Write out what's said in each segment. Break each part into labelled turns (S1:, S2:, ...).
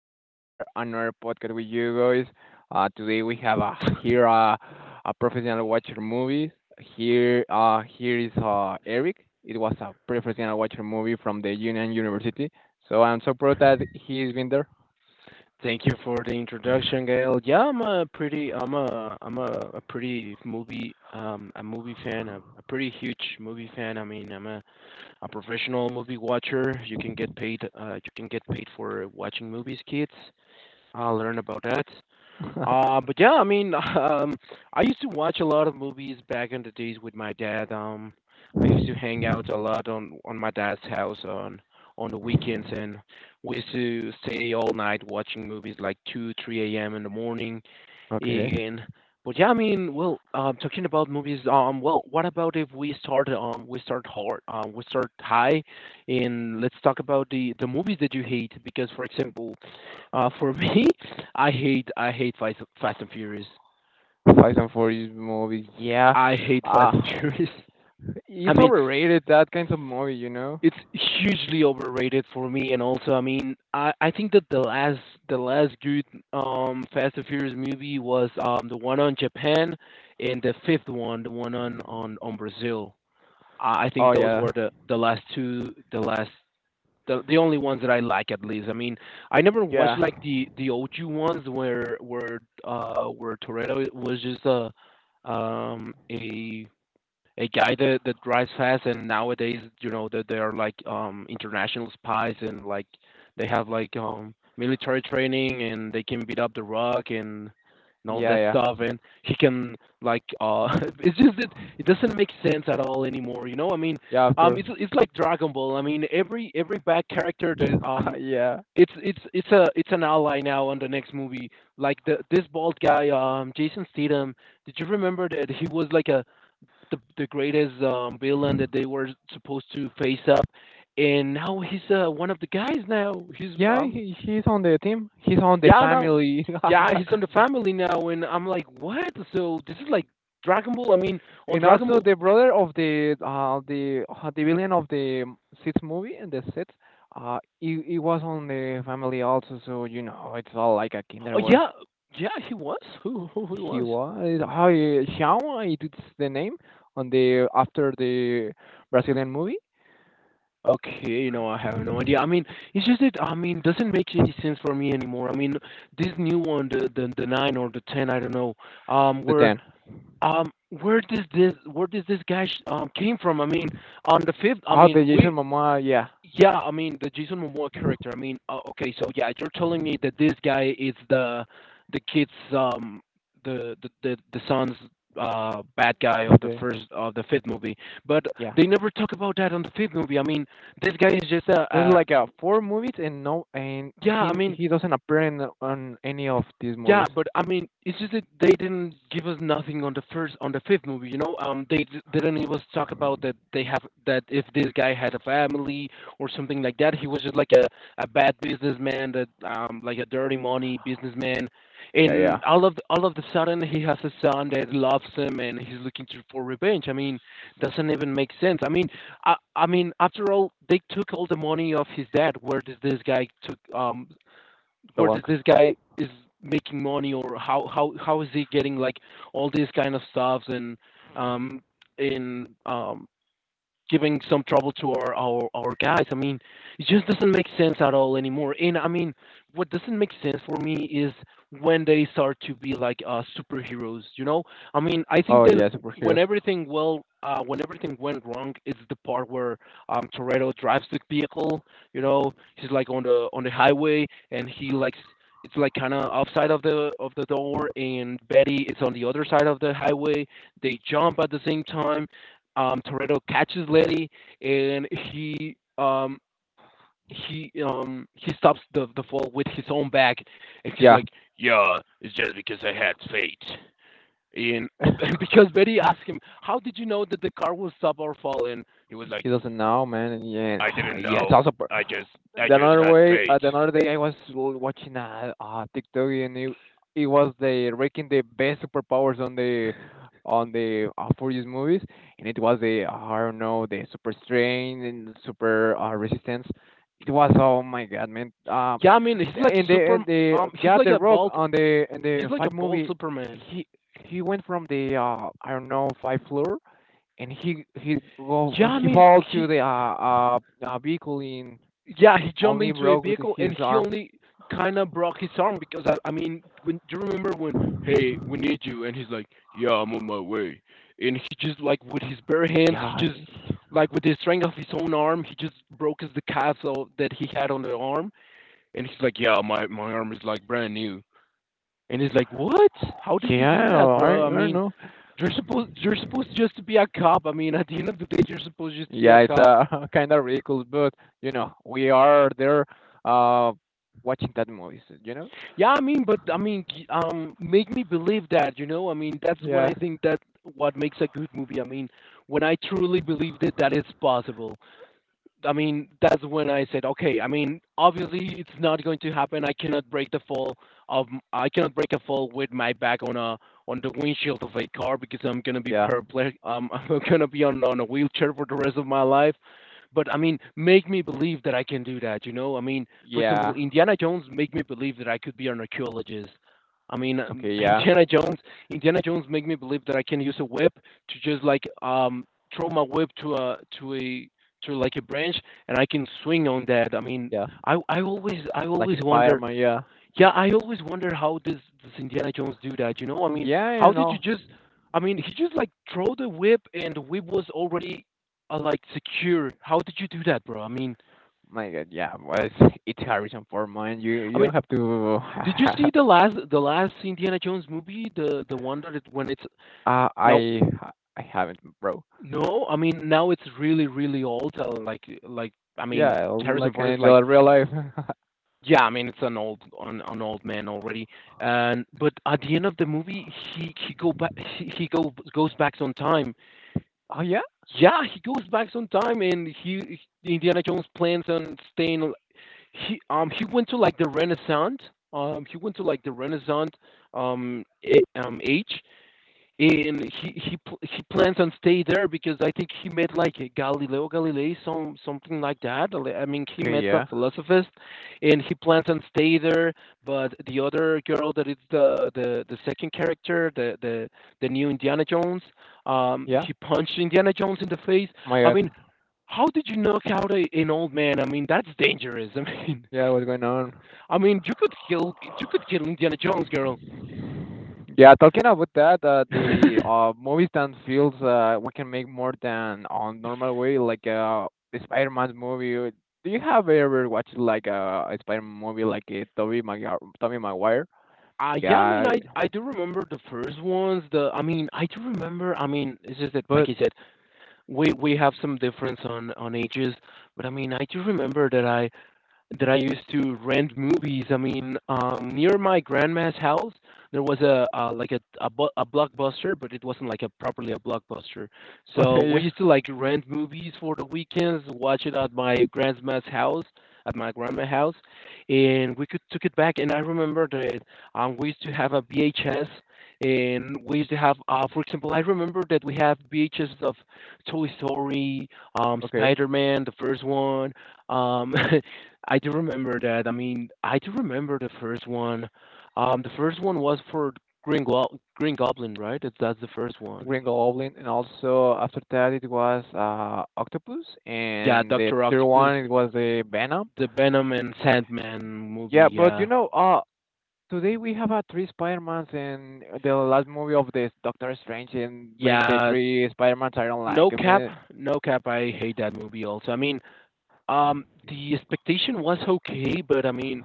S1: to share another podcast with you guys. Today we have a professional watcher movies. Here, here is Eric. It was a professional watcher movie from the Union University. So I'm so proud that he's been there.
S2: Thank you for the introduction, Gail. Yeah, I'm a pretty movie, a movie fan, a pretty huge movie fan. I mean, a professional movie watcher. You can get paid, you can get paid for watching movies, kids. I learned about that. But yeah, I mean, I used to watch a lot of movies back in the days with my dad. I used to hang out a lot on my dad's house on the weekends, and we used to stay all night watching movies like two, three a.m. in the morning.
S1: Okay.
S2: And but yeah, I mean, talking about movies, what about if we start, we start high, and let's talk about the movies that you hate. Because, for example, for me, I hate Fast and Furious.
S1: Fast and Furious movies. Yeah,
S2: I hate
S1: uh,
S2: Fast and Furious. I
S1: it's
S2: mean,
S1: overrated, that kind of movie, you know.
S2: it's hugely overrated for me, and also, I mean, I think that the last good Fast and Furious movie was the one on Japan, and the fifth one, the one on Brazil. I think
S1: Oh
S2: those
S1: yeah,
S2: were the last two, the only ones that I like at least. I mean, I never watched
S1: yeah,
S2: like the OG ones where Toretto was just um a a guy that drives fast, and nowadays you know that they are like international spies, and like they have like military training, and they can beat up the Rock and all
S1: yeah,
S2: that
S1: yeah,
S2: stuff, and he can like it's just that it doesn't make sense at all anymore, you know. I mean,
S1: yeah. Of course.
S2: it's like Dragon Ball. I mean, every bad character that
S1: Yeah.
S2: it's an ally now on the next movie, like the this bald guy, Jason Statham. Did you remember that he was like a the greatest, villain that they were supposed to face up, and now he's, one of the guys. Now he's
S1: Yeah, he's on the team. He's on the
S2: yeah, now,
S1: family.
S2: yeah, he's on the family now, and I'm like, what? So this is like Dragon Ball. I mean, on
S1: And
S2: Dragon
S1: also
S2: Ball.
S1: the brother of the villain of the sixth movie and the set. He was on the family also, so you know it's all like a
S2: Oh
S1: kinder where
S2: yeah, yeah, he was, who he
S1: he
S2: was.
S1: was. How Xiao? It's the name on the after the Brazilian movie.
S2: Okay, no, I have no idea. I mean, it's just that, I mean, doesn't make any sense for me anymore. I mean, this new one, the nine or the ten, I don't know,
S1: The
S2: where.
S1: ten.
S2: Um, where does this guy came from? I mean, on the fifth, I
S1: Oh,
S2: mean,
S1: the
S2: we
S1: Jason Momoa, yeah,
S2: yeah, I mean the Jason Momoa character. I mean, okay, so yeah, you're telling me that this guy is the kid's, the son's, bad guy
S1: of
S2: of the
S1: the
S2: first of the fifth movie, but
S1: yeah.
S2: they never talk about that on the fifth movie. I mean, this guy is just a
S1: There's like 4 movies and no and
S2: yeah, I
S1: he
S2: mean,
S1: doesn't appear in on any of these
S2: yeah,
S1: movies.
S2: but I mean, it's just that they didn't give us nothing on on the fifth movie. You know, they didn't even talk about that they have, that if this guy had a family or something like that. He was just like a bad businessman that like a dirty money businessman,
S1: Yeah, yeah.
S2: and all of the sudden he has a son that loves him and he's looking to, for revenge. I mean, doesn't even make sense. I mean, I mean, after all, they took all the money of his dad. Where
S1: Belong.
S2: does this guy is making money, or how is he getting like all these kind of stuff, and um in giving some trouble to our, our guys. I mean, it just doesn't make sense at all anymore. And I mean, what doesn't make sense for me is when they start to be like, superheroes. You know, I mean, I
S1: Oh
S2: think then
S1: yeah, superheroes.
S2: when everything well. When everything went wrong, it's the part where, Toretto drives the vehicle. You know, he's like on the highway, and he likes it's like kind of outside of the door, and Betty is on the other side of the highway. They jump at the same time, Toretto catches Letty, and he stops the fall with his own back, and he's
S1: Yeah.
S2: like, "Yeah, it's just because I had fate." And because Betty asked him, "How did you know that the car will stop or fall?" And he was like,
S1: He doesn't know, man. Yeah.
S2: "I didn't
S1: Yeah, it's
S2: know.
S1: also
S2: I just I
S1: the
S2: just
S1: another
S2: had
S1: way,
S2: fate."
S1: the another day I was watching a TikTok, and it was the ranking the best superpowers on the for these movies, and it was the I don't know, the super strength and super resistance. It was, oh my god, man!
S2: Yeah, I mean, he's like
S1: In the
S2: super.
S1: and the
S2: He's
S1: Yeah,
S2: like
S1: the
S2: a
S1: Rock
S2: bald.
S1: on the in
S2: He's
S1: the
S2: like a
S1: five
S2: bald
S1: movie,
S2: Superman.
S1: he went from the I don't know, five floor, and he he
S2: Yeah,
S1: go
S2: I
S1: he
S2: mean,
S1: fall to
S2: he
S1: the vehicle in,
S2: yeah, he jumped
S1: only
S2: into a
S1: broke
S2: vehicle and
S1: his
S2: he
S1: arm.
S2: only kind of broke his arm because I mean, when do you remember when, hey, we need you, and he's like, yeah, I'm on my way, and he just like with his bare hands, he
S1: Yeah,
S2: just like with the strength of his own arm, he just broke his the castle that he had on the arm, and he's like, yeah, my arm is like brand new, and he's like, what? How did you do that, bro?
S1: I
S2: I
S1: don't
S2: mean,
S1: know.
S2: you're supposed just to be a cop. I mean, at the end of the day, you're supposed just to be
S1: Yeah,
S2: a
S1: it's
S2: cop.
S1: kind of ridiculous, but you know, we are there uh, watching that movies, you know?
S2: Yeah, I mean, but I mean, make me believe that, you know? I mean, that's what
S1: Yeah,
S2: I think that what makes a good movie. I mean, when I truly believe that that is possible. I mean, that's when I said, okay, I mean, obviously it's not going to happen. I cannot break the fall of I cannot break a fall with my back on a on the windshield of a car because I'm gonna be
S1: yeah,
S2: paraplegic. I'm gonna be on a wheelchair for the rest of my life. But I mean, make me believe that I can do that. You know, I mean, for example,
S1: yeah.
S2: Indiana Jones make me believe that I could be an archaeologist. I mean,
S1: Okay, yeah,
S2: Indiana Jones make me believe that I can use a whip to just like throw my whip to a through like a branch, and I can swing on that. I mean,
S1: yeah.
S2: I
S1: Like
S2: always wonder.
S1: Spider-Man, yeah.
S2: Yeah, I always wonder, how does Indiana Jones do that? You know, I mean,
S1: Yeah,
S2: how
S1: you
S2: did you
S1: know.
S2: just? I mean, he just like throw the whip and the whip was already, like secure. How did you do that, bro?
S1: My God, yeah, well, it's Harrison Ford, man.
S2: I
S1: You
S2: mean,
S1: don't have to.
S2: did you see the last Indiana Jones movie? The one that it, when it's
S1: uh,
S2: now.
S1: I I haven't, bro.
S2: No, I mean now it's really really old. Like, I mean,
S1: Yeah,
S2: Harrison
S1: like
S2: Ford is
S1: in
S2: like,
S1: the real life.
S2: yeah, I mean it's an old an old man already, and but at the end of the movie, he go back he go goes back on time.
S1: Oh yeah.
S2: Yeah, he goes back on time, and he Indiana Jones plans on staying. He went to like the Renaissance. Um, he went to like the Renaissance age, and he plans on stay there because I think he met like a Galileo Galilei, some something like that. Like, I mean, he
S1: Okay,
S2: met a
S1: yeah,
S2: philosophist, and he plans on stay there. But the other girl that is the the second character, the new Indiana Jones,
S1: yeah.
S2: he punched Indiana Jones in the face.
S1: Oh my
S2: I
S1: God.
S2: mean, how did you knock out an old man? I mean, that's dangerous.
S1: Yeah, what's going on?
S2: I mean, you could kill Indiana Jones, girl.
S1: Yeah, talking about that, the movies that feels we can make more than on normal way, like Spider-Man's movie. Do you have ever watched like a Spider-Man movie like Tobey Maguire?
S2: Yeah, I mean,
S1: Yeah,
S2: I do remember the first ones. The I mean, I do remember. I mean, it's just that, like
S1: but
S2: you said, we have some difference on ages, but I mean, I do remember that I used to rent movies. I mean, near my grandma's house, there was a blockbuster, but it wasn't like a properly a blockbuster. So
S1: okay,
S2: we
S1: yeah,
S2: used to like rent movies for the weekends, watch it at my grandma's house, at my grandma's house, and we could took it back. And I remember that, we used to have a VHS. And we used to have, for example, I remember that we have VHS of Toy Story,
S1: okay.
S2: Spider-Man, the first one, um, I do remember that. I mean, I do remember the first one. The first one was for Green Goblin, right? That's the first
S1: The
S2: one.
S1: Green Goblin, and also after that it was Octopus,
S2: Yeah,
S1: and the
S2: Doctor
S1: third
S2: Octopus,
S1: one it was the Venom.
S2: the Venom and Sandman movie.
S1: Yeah, but you
S2: Yeah,
S1: know, today we have three Spider-Mans, and the last movie of this Doctor Strange and bring the
S2: yeah.
S1: three Spider-Mans, I don't like.
S2: No
S1: I
S2: cap,
S1: mean,
S2: no cap. I hate that movie also. I mean, the expectation was okay, but I mean,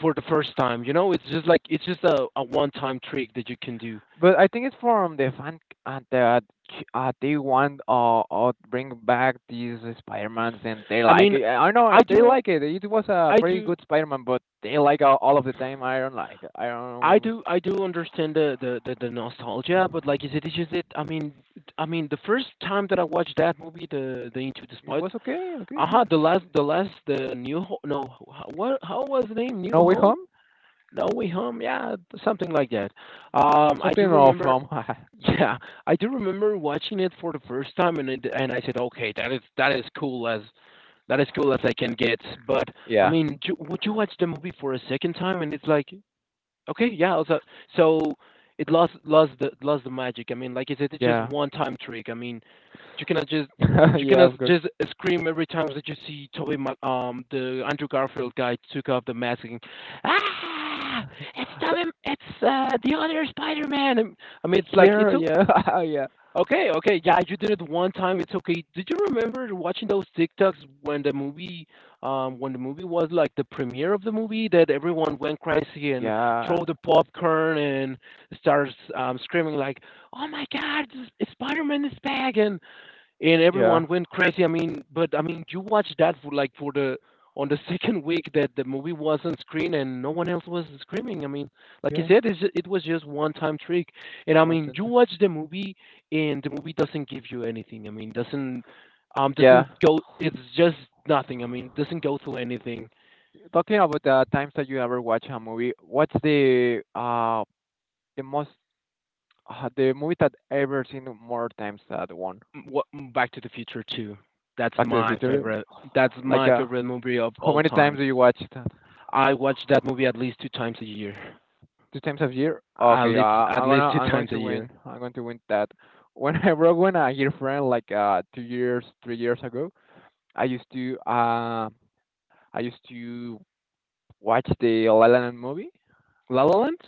S2: for the first time, you know, it's just like it's just a one-time trick that you can do.
S1: but I think it's from the fan uh, that they want bring back these Spider-Mans, and they
S2: I
S1: like
S2: mean,
S1: it. I don't know,
S2: I
S1: they
S2: do, un-
S1: like it. It was a
S2: I
S1: very
S2: do,
S1: good Spider-Man, but they like all of the time. I don't like. I
S2: I
S1: don't.
S2: do I do understand the nostalgia, but like, is it is just it? I mean, the first time that I watched that movie, the Into the
S1: It
S2: Spider,
S1: was okay. Okay,
S2: aha,
S1: yeah.
S2: the last, the New Hope, no, what, how was the name? New
S1: No way
S2: Hope?
S1: home.
S2: No Way Home, yeah, something like that. I do
S1: Something of
S2: remember.
S1: home.
S2: Yeah, I do remember watching it for the first time, and it, and I said, okay, that is cool as that is cool as I can get. But I
S1: Yeah.
S2: mean, would you watch the movie for a second time, and it's like, okay, yeah. Also, so it lost the magic. I mean, like I said, it's just
S1: Yeah.
S2: one time trick. I mean, you cannot just you
S1: Yeah,
S2: cannot
S1: of course.
S2: just scream every time that you see Toby, the Andrew Garfield guy took off the mask and ah, it's Toby, it's the other Spider-Man. I mean, it's like
S1: Here,
S2: it's o-
S1: yeah, yeah.
S2: okay, okay, yeah, you did it one time. It's okay. Did you remember watching those TikToks when when the movie was like the premiere of the movie that everyone went crazy and
S1: Yeah.
S2: throw the popcorn and starts screaming like, "Oh my God, Spider-Man is back!" And
S1: Yeah,
S2: everyone went crazy. I mean, but I mean, you watched that for for the on the second week that the movie was on screen and no one else was screaming. I mean, like you
S1: yeah,
S2: said, it's, it was just one time trick. And
S1: you
S2: I
S1: want
S2: mean,
S1: to.
S2: you watch the movie and the movie doesn't give you anything. I mean,
S1: Yeah,
S2: doesn't go. It's just nothing. I mean, doesn't go through anything.
S1: talking about the times that you ever watch a movie, what's the most the movie that ever seen more times than one?
S2: Back to the Future Two? That's
S1: Back to the
S2: my
S1: Future.
S2: favorite. That's my
S1: Like
S2: favorite movie of all
S1: how many
S2: times.
S1: times do you watch that?
S2: I watch that movie at least two times a year.
S1: Two times a year? Okay,
S2: At least two
S1: I'm going
S2: times a
S1: to win.
S2: year.
S1: I'm going to win that. When I broke when a year friend like 2 years 3 years ago, I used to uh I used to watch the La La Land movie.
S2: La La Land?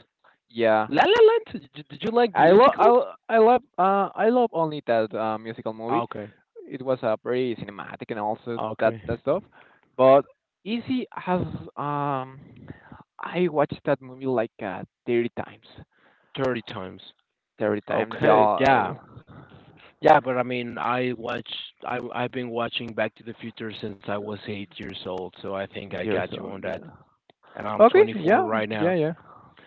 S1: Yeah,
S2: La La Land? Did you like musicals?
S1: I love only that musical movie.
S2: Okay,
S1: It was pretty cinematic and also that
S2: okay,
S1: that stuff. But Easy has um I watched that movie like 30 times.
S2: 30 times.
S1: 30 times,
S2: Okay, yeah,
S1: y'all.
S2: yeah. But I mean, I watch. I've been watching Back to the Future since I was 8 years old, so I think I
S1: 8 years
S2: got you
S1: old.
S2: on that.
S1: Yeah.
S2: And I'm
S1: Okay,
S2: 24 right now.
S1: yeah.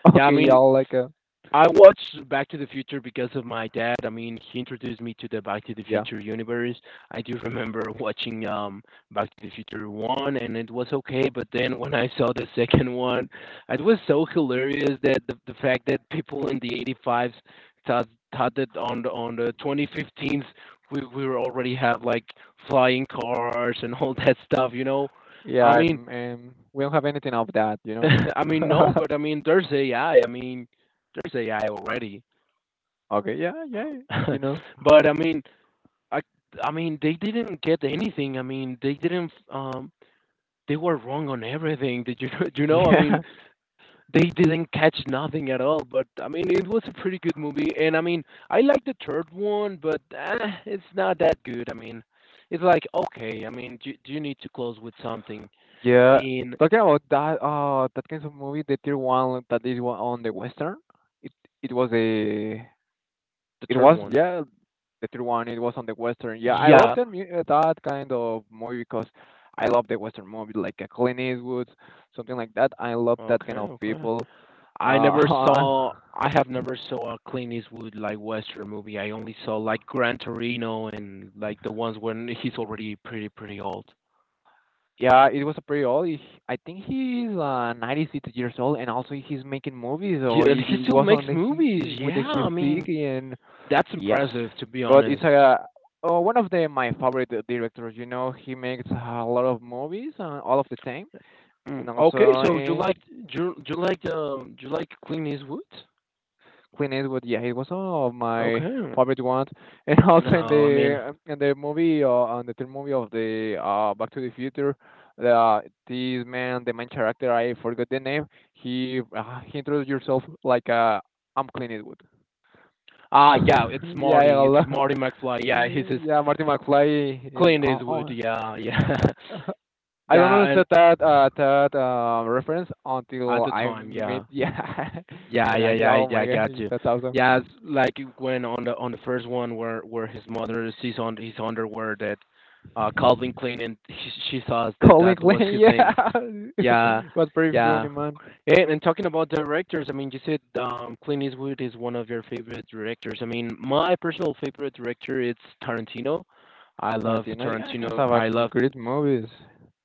S2: Yeah, I
S1: Okay,
S2: mean,
S1: y'all like
S2: I watched Back to the Future because of my dad. I mean, he introduced me to the Back to the
S1: yeah,
S2: Future universe. I do remember watching Back to the Future 1, and it was okay, but then when I saw the second one, it was so hilarious that the fact that people in the 85s thought thought that on the 2015s we were already have like flying cars and all that stuff, you know.
S1: yeah.
S2: I mean,
S1: I'm We don't have anything of that, you know.
S2: I mean no, but I mean there's AI. I mean, there's AI already.
S1: Okay, yeah, yeah, you know.
S2: But I mean, I I mean, they didn't get anything. I mean, they didn't. They were wrong on everything. Did you you know? I mean,
S1: Yeah.
S2: they didn't catch nothing at all. But I mean, it was a pretty good movie. And I mean, I like the third one, but eh, it's not that good. I mean, it's like okay. I mean, do you need to close with something
S1: Yeah.
S2: in
S1: Talking about that kind of movie, the tier one that is on the Western. It it was a
S2: the
S1: it
S2: third
S1: was
S2: one?
S1: yeah, the tier one, it was on the Western. Yeah, I love
S2: Yeah.
S1: that kind of movie because I love the Western movie like a Clint Eastwood, something like that. I love that
S2: Okay.
S1: kind of
S2: Okay.
S1: people. Uh
S2: I have never saw a Clint Eastwood like Western movie. I only saw like Gran Torino and like the ones when he's already pretty old.
S1: Yeah, it was a pretty old. I think he's 96 years old, and also he's making movies. So
S2: Yeah, and
S1: it
S2: he still
S1: was
S2: makes
S1: on the
S2: movies.
S1: with the
S2: Yeah,
S1: his
S2: I mean
S1: stick and,
S2: that's
S1: yeah,
S2: impressive to be
S1: but it's
S2: honest.
S1: a one of the my favorite directors. You know, he makes a lot of movies all of the time,
S2: Mm,
S1: and
S2: okay,
S1: also
S2: so you
S1: in
S2: like you you like um you like Clint Eastwood?
S1: Clint Eastwood. Yeah, he was one of my
S2: Okay.
S1: favorite ones, and also in
S2: No, I mean
S1: the movie on the third movie of the Back to the Future. The This man, the main character, I forgot the name. He introduced yourself like I'm Clint Eastwood.
S2: ah yeah, it's
S1: Yeah, I
S2: Marty. It's
S1: love,
S2: Marty McFly. Yeah, he's his
S1: yeah, Martin McFly.
S2: Clint
S1: Oh,
S2: Eastwood.
S1: oh,
S2: Yeah, yeah,
S1: uh, I don't
S2: yeah. And
S1: understand that reference
S2: at
S1: until
S2: the
S1: I
S2: time,
S1: met
S2: yeah.
S1: yeah,
S2: Yeah,
S1: and I
S2: yeah,
S1: say,
S2: yeah,
S1: "Oh
S2: yeah, I
S1: my god,
S2: got you.
S1: that's awesome!"
S2: Yeah, it's like when on the first one where his mother sees on his underwear that Calvin Klein and she saw that
S1: Colin
S2: that
S1: Klein,
S2: was his name.
S1: yeah,
S2: Yeah,
S1: was pretty
S2: yeah.
S1: funny, man.
S2: And talking about directors, I mean, you said Clint Eastwood is one of your favorite directors. I mean, my personal favorite director is Tarantino. I love
S1: Tarantino, yeah, has
S2: Tarantino.
S1: have a great movies.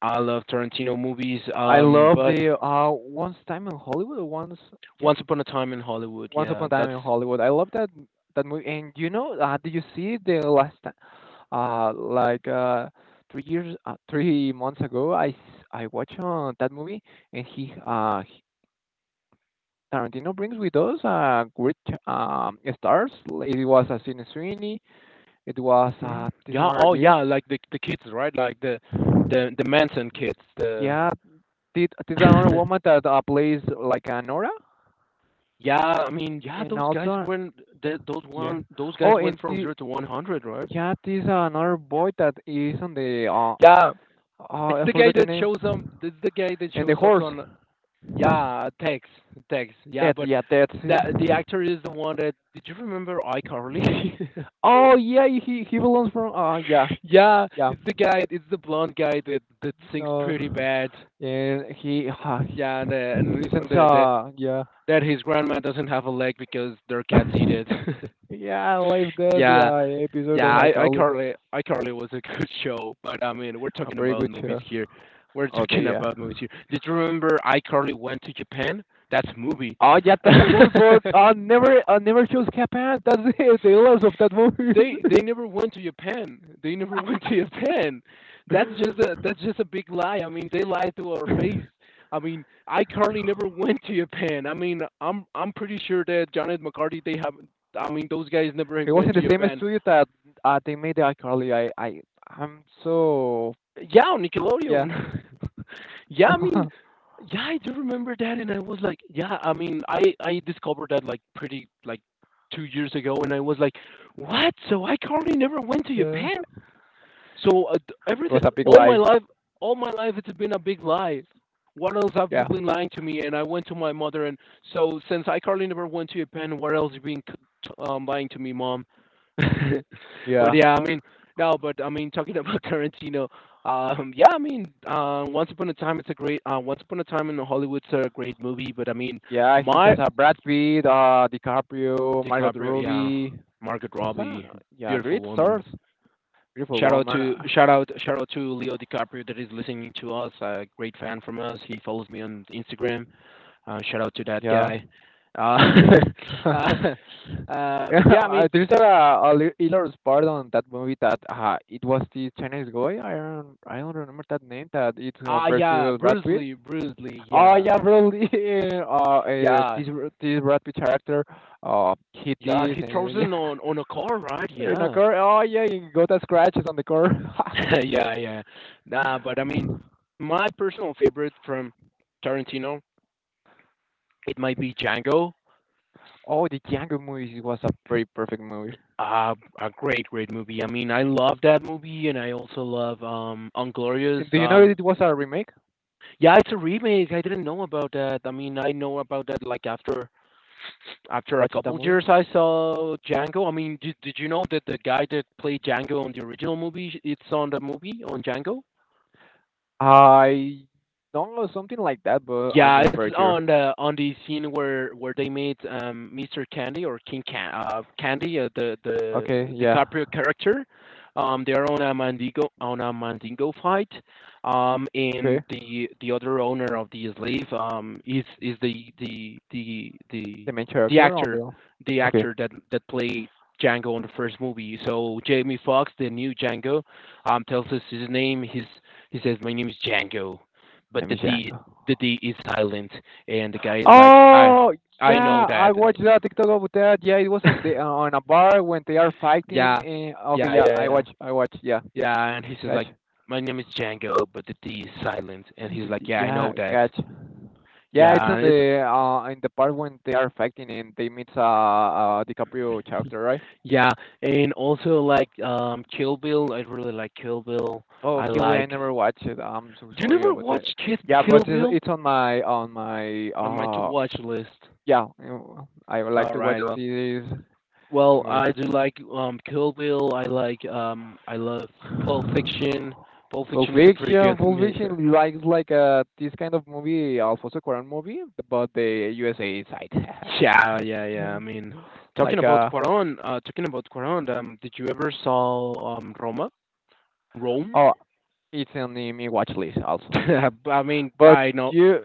S2: I love Tarantino movies.
S1: I love
S2: But
S1: the Once Time in Hollywood, once yeah,
S2: Once Upon a Time in Hollywood,
S1: Once Upon
S2: yeah,
S1: a Time
S2: that's
S1: in Hollywood. I love that movie. And you know, did you see the last ti- like 3 years, 3 months ago? I watched that movie, and he Tarantino brings with us great stars. It was a Sidney Sweeney. It was
S2: Mhm.
S1: this
S2: Yeah.
S1: another
S2: Oh,
S1: girl.
S2: yeah. Like the kids, right? Like the the Manson kids. The
S1: Yeah, did this another woman that plays like Nora,
S2: yeah. I mean, yeah.
S1: and
S2: Those guys
S1: also
S2: went. Those
S1: yeah.
S2: one. Those
S1: Oh,
S2: guys went
S1: and
S2: from 0 to 100, right?
S1: yeah, this another boy that is on the
S2: Yeah.
S1: oh,
S2: It's
S1: I
S2: the guy
S1: forgot the
S2: that
S1: name.
S2: shows up. It's the guy that
S1: And the
S2: shows up
S1: horse.
S2: on. Yeah, Tex. Tex. Yeah,
S1: That's
S2: but
S1: yeah, that's
S2: that the
S1: it.
S2: actor is the one that. Did you remember iCarly?
S1: Oh yeah, he belongs from yeah
S2: Yeah,
S1: yeah.
S2: it's the guy. It's the blonde guy that sings
S1: Uh,
S2: pretty bad.
S1: and
S2: Yeah, and the and
S1: he sends
S2: the
S1: yeah.
S2: that his grandma doesn't have a leg because their cats eat it.
S1: Yeah, I like that
S2: yeah,
S1: episode of
S2: yeah. I
S1: iCarly.
S2: Carly, I Carly was a good show, but I mean, we're
S1: A
S2: talking
S1: very
S2: about
S1: good
S2: movies
S1: show.
S2: here. We're
S1: Okay,
S2: talking
S1: yeah.
S2: about movies here. Did you remember I Carly went to Japan? That's a movie.
S1: Oh yeah, that's a movie, but I never chose Japan. That's the illness of that movie.
S2: They never went to Japan. They never went to Japan. That's just a big lie. I mean, they lied to our face. I mean, iCarly never went to Japan. I mean, I'm pretty sure that Jonathan McCarty they have. I mean, those guys never
S1: It was
S2: went
S1: in
S2: to
S1: the same
S2: Japan.
S1: studio that they made the iCarly. I'm so
S2: Yeah,
S1: yeah,
S2: Nickelodeon. yeah, I mean,
S1: yeah.
S2: yeah, I do remember that, and I was like, yeah, I mean, I discovered that like pretty like 2 years ago, and I was like, what? So iCarly never went to
S1: It
S2: Japan? So everything,
S1: was a big like,
S2: all my life, it's been a big lie. What else have you
S1: yeah,
S2: been lying to me? And I went to my mother, and so since I Carly never went to Japan, what else you been lying to me, mom? but
S1: yeah,
S2: yeah, I mean, no, but I mean, talking about Tarantino, yeah, I mean, Once Upon a Time, it's a great, Once Upon a Time in Hollywood's a great movie, but I mean,
S1: yeah. He
S2: my
S1: has a Brad Pitt, DiCaprio, Margot
S2: DiCaprio, yeah,
S1: Robbie.
S2: Margaret
S1: He's
S2: Robbie,
S1: a yeah,
S2: beautiful
S1: great
S2: woman.
S1: stars, beautiful woman.
S2: Shout out to Leo DiCaprio that is listening to us. A great fan from us. He follows me on Instagram. Shout out to that
S1: Yeah.
S2: guy. Uh, uh,
S1: Yeah,
S2: but yeah, I mean,
S1: there's a hilarious part on that movie that it was this Chinese guy. I don't remember that name. That it's
S2: ah, yeah,
S1: versus Brad Pitt.
S2: Bruce Lee,
S1: Oh
S2: yeah,
S1: yeah, really.
S2: yeah,
S1: This Brad Pitt character hit
S2: yeah.
S1: this
S2: He throws
S1: and
S2: it
S1: yeah
S2: on a car, right?
S1: in a
S2: Yeah,
S1: car. Oh yeah, he got the scratches on the car.
S2: yeah, yeah. Nah, but I mean, my personal favorite from Tarantino, it might be Django.
S1: Oh, the Django movie was a pretty perfect movie.
S2: Uh, a great movie. I mean, I love that movie, and I also love Unglorious.
S1: And do you know it was a remake?
S2: Yeah, it's a remake. I didn't know about that. I mean, I know about that like after a
S1: Watch that
S2: couple
S1: movie.
S2: years. I saw Django. I mean, did you know that the guy that played Django on the original movie, it's on the movie on Django?
S1: I don't know, something like that, but I'm
S2: Yeah,
S1: not
S2: it's
S1: very
S2: on
S1: sure.
S2: the scene where they meet Mr. Candy or King Candy, the
S1: Okay, yeah.
S2: DiCaprio character. They're on a Mandingo fight.
S1: Okay,
S2: And the other owner of the slave is
S1: the main
S2: the
S1: character on
S2: actor,
S1: the. Okay,
S2: that played Django in the first movie. So Jamie Foxx, the new Django, tells us his name. His he says, "My name is Django."
S1: my
S2: But
S1: name
S2: the
S1: is
S2: D
S1: Django.
S2: the D is silent, and the guy is like,
S1: Oh
S2: I know
S1: yeah, I
S2: that.
S1: watched that TikTok about that. Yeah, it was on the on a bar when they are fighting.
S2: yeah,
S1: And okay,
S2: yeah,
S1: yeah,
S2: yeah, yeah,
S1: I watch. Yeah,
S2: yeah. And he says like,
S1: gotcha.
S2: my name is Django, but the D is silent, and
S1: What
S2: he's
S1: did
S2: like,
S1: the-
S2: yeah, I know
S1: Yeah,
S2: that.
S1: gotcha. Yeah, it's
S2: Yeah,
S1: on
S2: and it's
S1: the in the part when they are fighting and they meet DiCaprio character, right?
S2: yeah, and also like Kill Bill. I really like Kill Bill.
S1: Oh,
S2: I
S1: Kill Bill, I
S2: like.
S1: never watched it. I'm so
S2: Do you
S1: sorry
S2: never
S1: about that.
S2: watch
S1: Yeah, but
S2: Kill Bill
S1: it's on my
S2: on my to watch list?
S1: yeah, you I would like
S2: All
S1: to watch
S2: right,
S1: this
S2: well,
S1: movie.
S2: I do like, Kill Bill, I like, I love Pulp Fiction. Pulp
S1: Pulp
S2: Fiction is a pretty
S1: Fiction,
S2: good
S1: Pulp
S2: me
S1: Fiction likes like this kind of movie, Alfonso Cuarón movie, but the USA side.
S2: Yeah, yeah, yeah, I mean, talking
S1: Like
S2: about
S1: uh
S2: Cuarón, did you ever saw, Roma? Rome?
S1: oh, it's on the, my watch list also.
S2: I mean,
S1: But
S2: I know
S1: you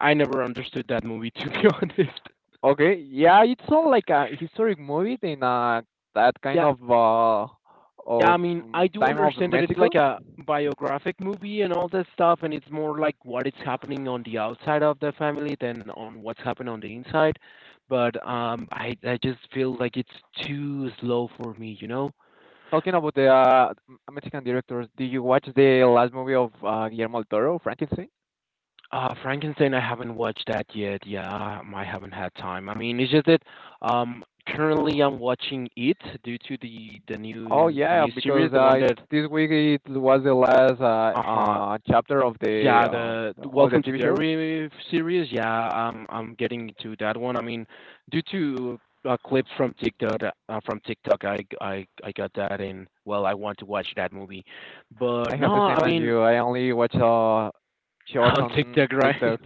S2: I never understood that movie, to be honest.
S1: okay, yeah, it's not like a historic movie in that kind
S2: Yeah,
S1: of
S2: yeah, I mean, I do
S1: time of
S2: understand that it's like
S1: Mexico.
S2: a biographic movie and all that stuff, and it's more like what is happening on the outside of the family than on what's happening on the inside. But I just feel like it's too slow for me, you know.
S1: Talking about the Mexican directors, did you watch the last movie of Guillermo del Toro, Frankenstein?
S2: Frankenstein, I haven't watched that yet. Yeah, I haven't had time. I mean, it's just that currently I'm watching it due to the the
S1: Oh
S2: new the
S1: yeah,
S2: new
S1: because
S2: series, the one that
S1: this week it was the last
S2: uh-huh.
S1: chapter
S2: Yeah, the
S1: of the
S2: Welcome to
S1: TV show.
S2: Derry series. Yeah, I'm getting into that one. I mean, due to a clip from TikTok, I got that, and well, I want to watch that movie.
S1: I
S2: But
S1: have
S2: no,
S1: the
S2: I
S1: same as
S2: mean,
S1: you. I only watch shorts
S2: on
S1: on
S2: TikTok, right?
S1: TikTok,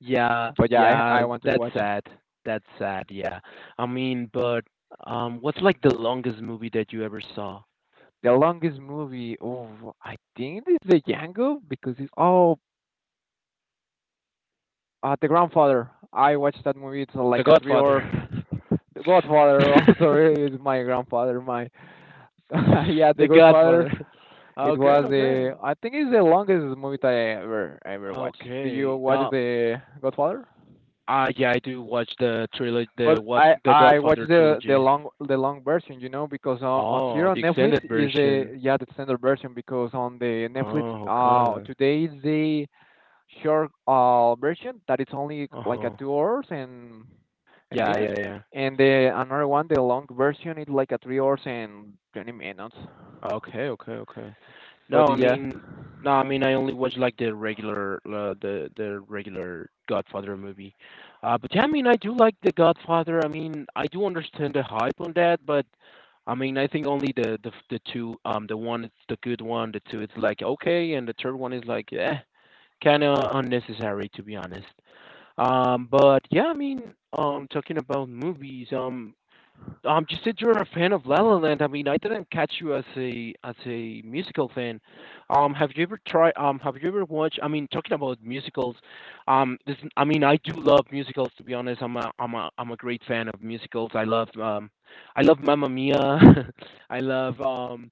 S2: Yeah,
S1: but yeah, I
S2: yeah,
S1: want to
S2: that's
S1: watch.
S2: sad. That's sad. Yeah, I mean, but what's like the longest movie that you ever saw?
S1: The longest movie, oh, I think it's the Django because it's oh, The Grandfather. I watched that movie. It's
S2: The
S1: like a 3 hour.
S2: Godfather.
S1: The Godfather also is my grandfather. My Yeah, The
S2: The
S1: Godfather.
S2: Godfather.
S1: It
S2: Okay,
S1: was
S2: okay.
S1: the I think it's the longest movie that I ever ever watched. Do you
S2: Okay.
S1: watch The Godfather?
S2: Ah yeah, I do watch the trilogy, the
S1: But
S2: what,
S1: I
S2: the
S1: I watch
S2: Godfather trilogy.
S1: the long version, you know, because here
S2: Oh,
S1: on
S2: the
S1: Netflix
S2: extended
S1: is the,
S2: version.
S1: yeah, the standard version, because on the Netflix
S2: Oh, okay.
S1: today is the short version that it's only like a
S2: Uh-huh.
S1: 2 hours and
S2: Yeah,
S1: minutes,
S2: yeah, yeah.
S1: and the another one, the long version, is like a 3 hours and 20 minutes.
S2: Okay, okay, okay. No,
S1: But
S2: I
S1: yeah,
S2: mean, no, I mean, I only watch like the regular, the regular Godfather movie. But yeah, I mean, I do like the Godfather. I mean, I do understand the hype on that, but I mean, I think only the two, the one is the good one, the two is like okay, and the third one is like, yeah, kind of unnecessary to be honest. But yeah, I mean, talking about movies, you said you're a fan of La La Land. I mean, I didn't catch you as a musical fan. Have you ever tried? Have you ever watched? I mean, talking about musicals, this I mean, I do love musicals. To be honest, I'm a great fan of musicals. I love Mamma Mia. I love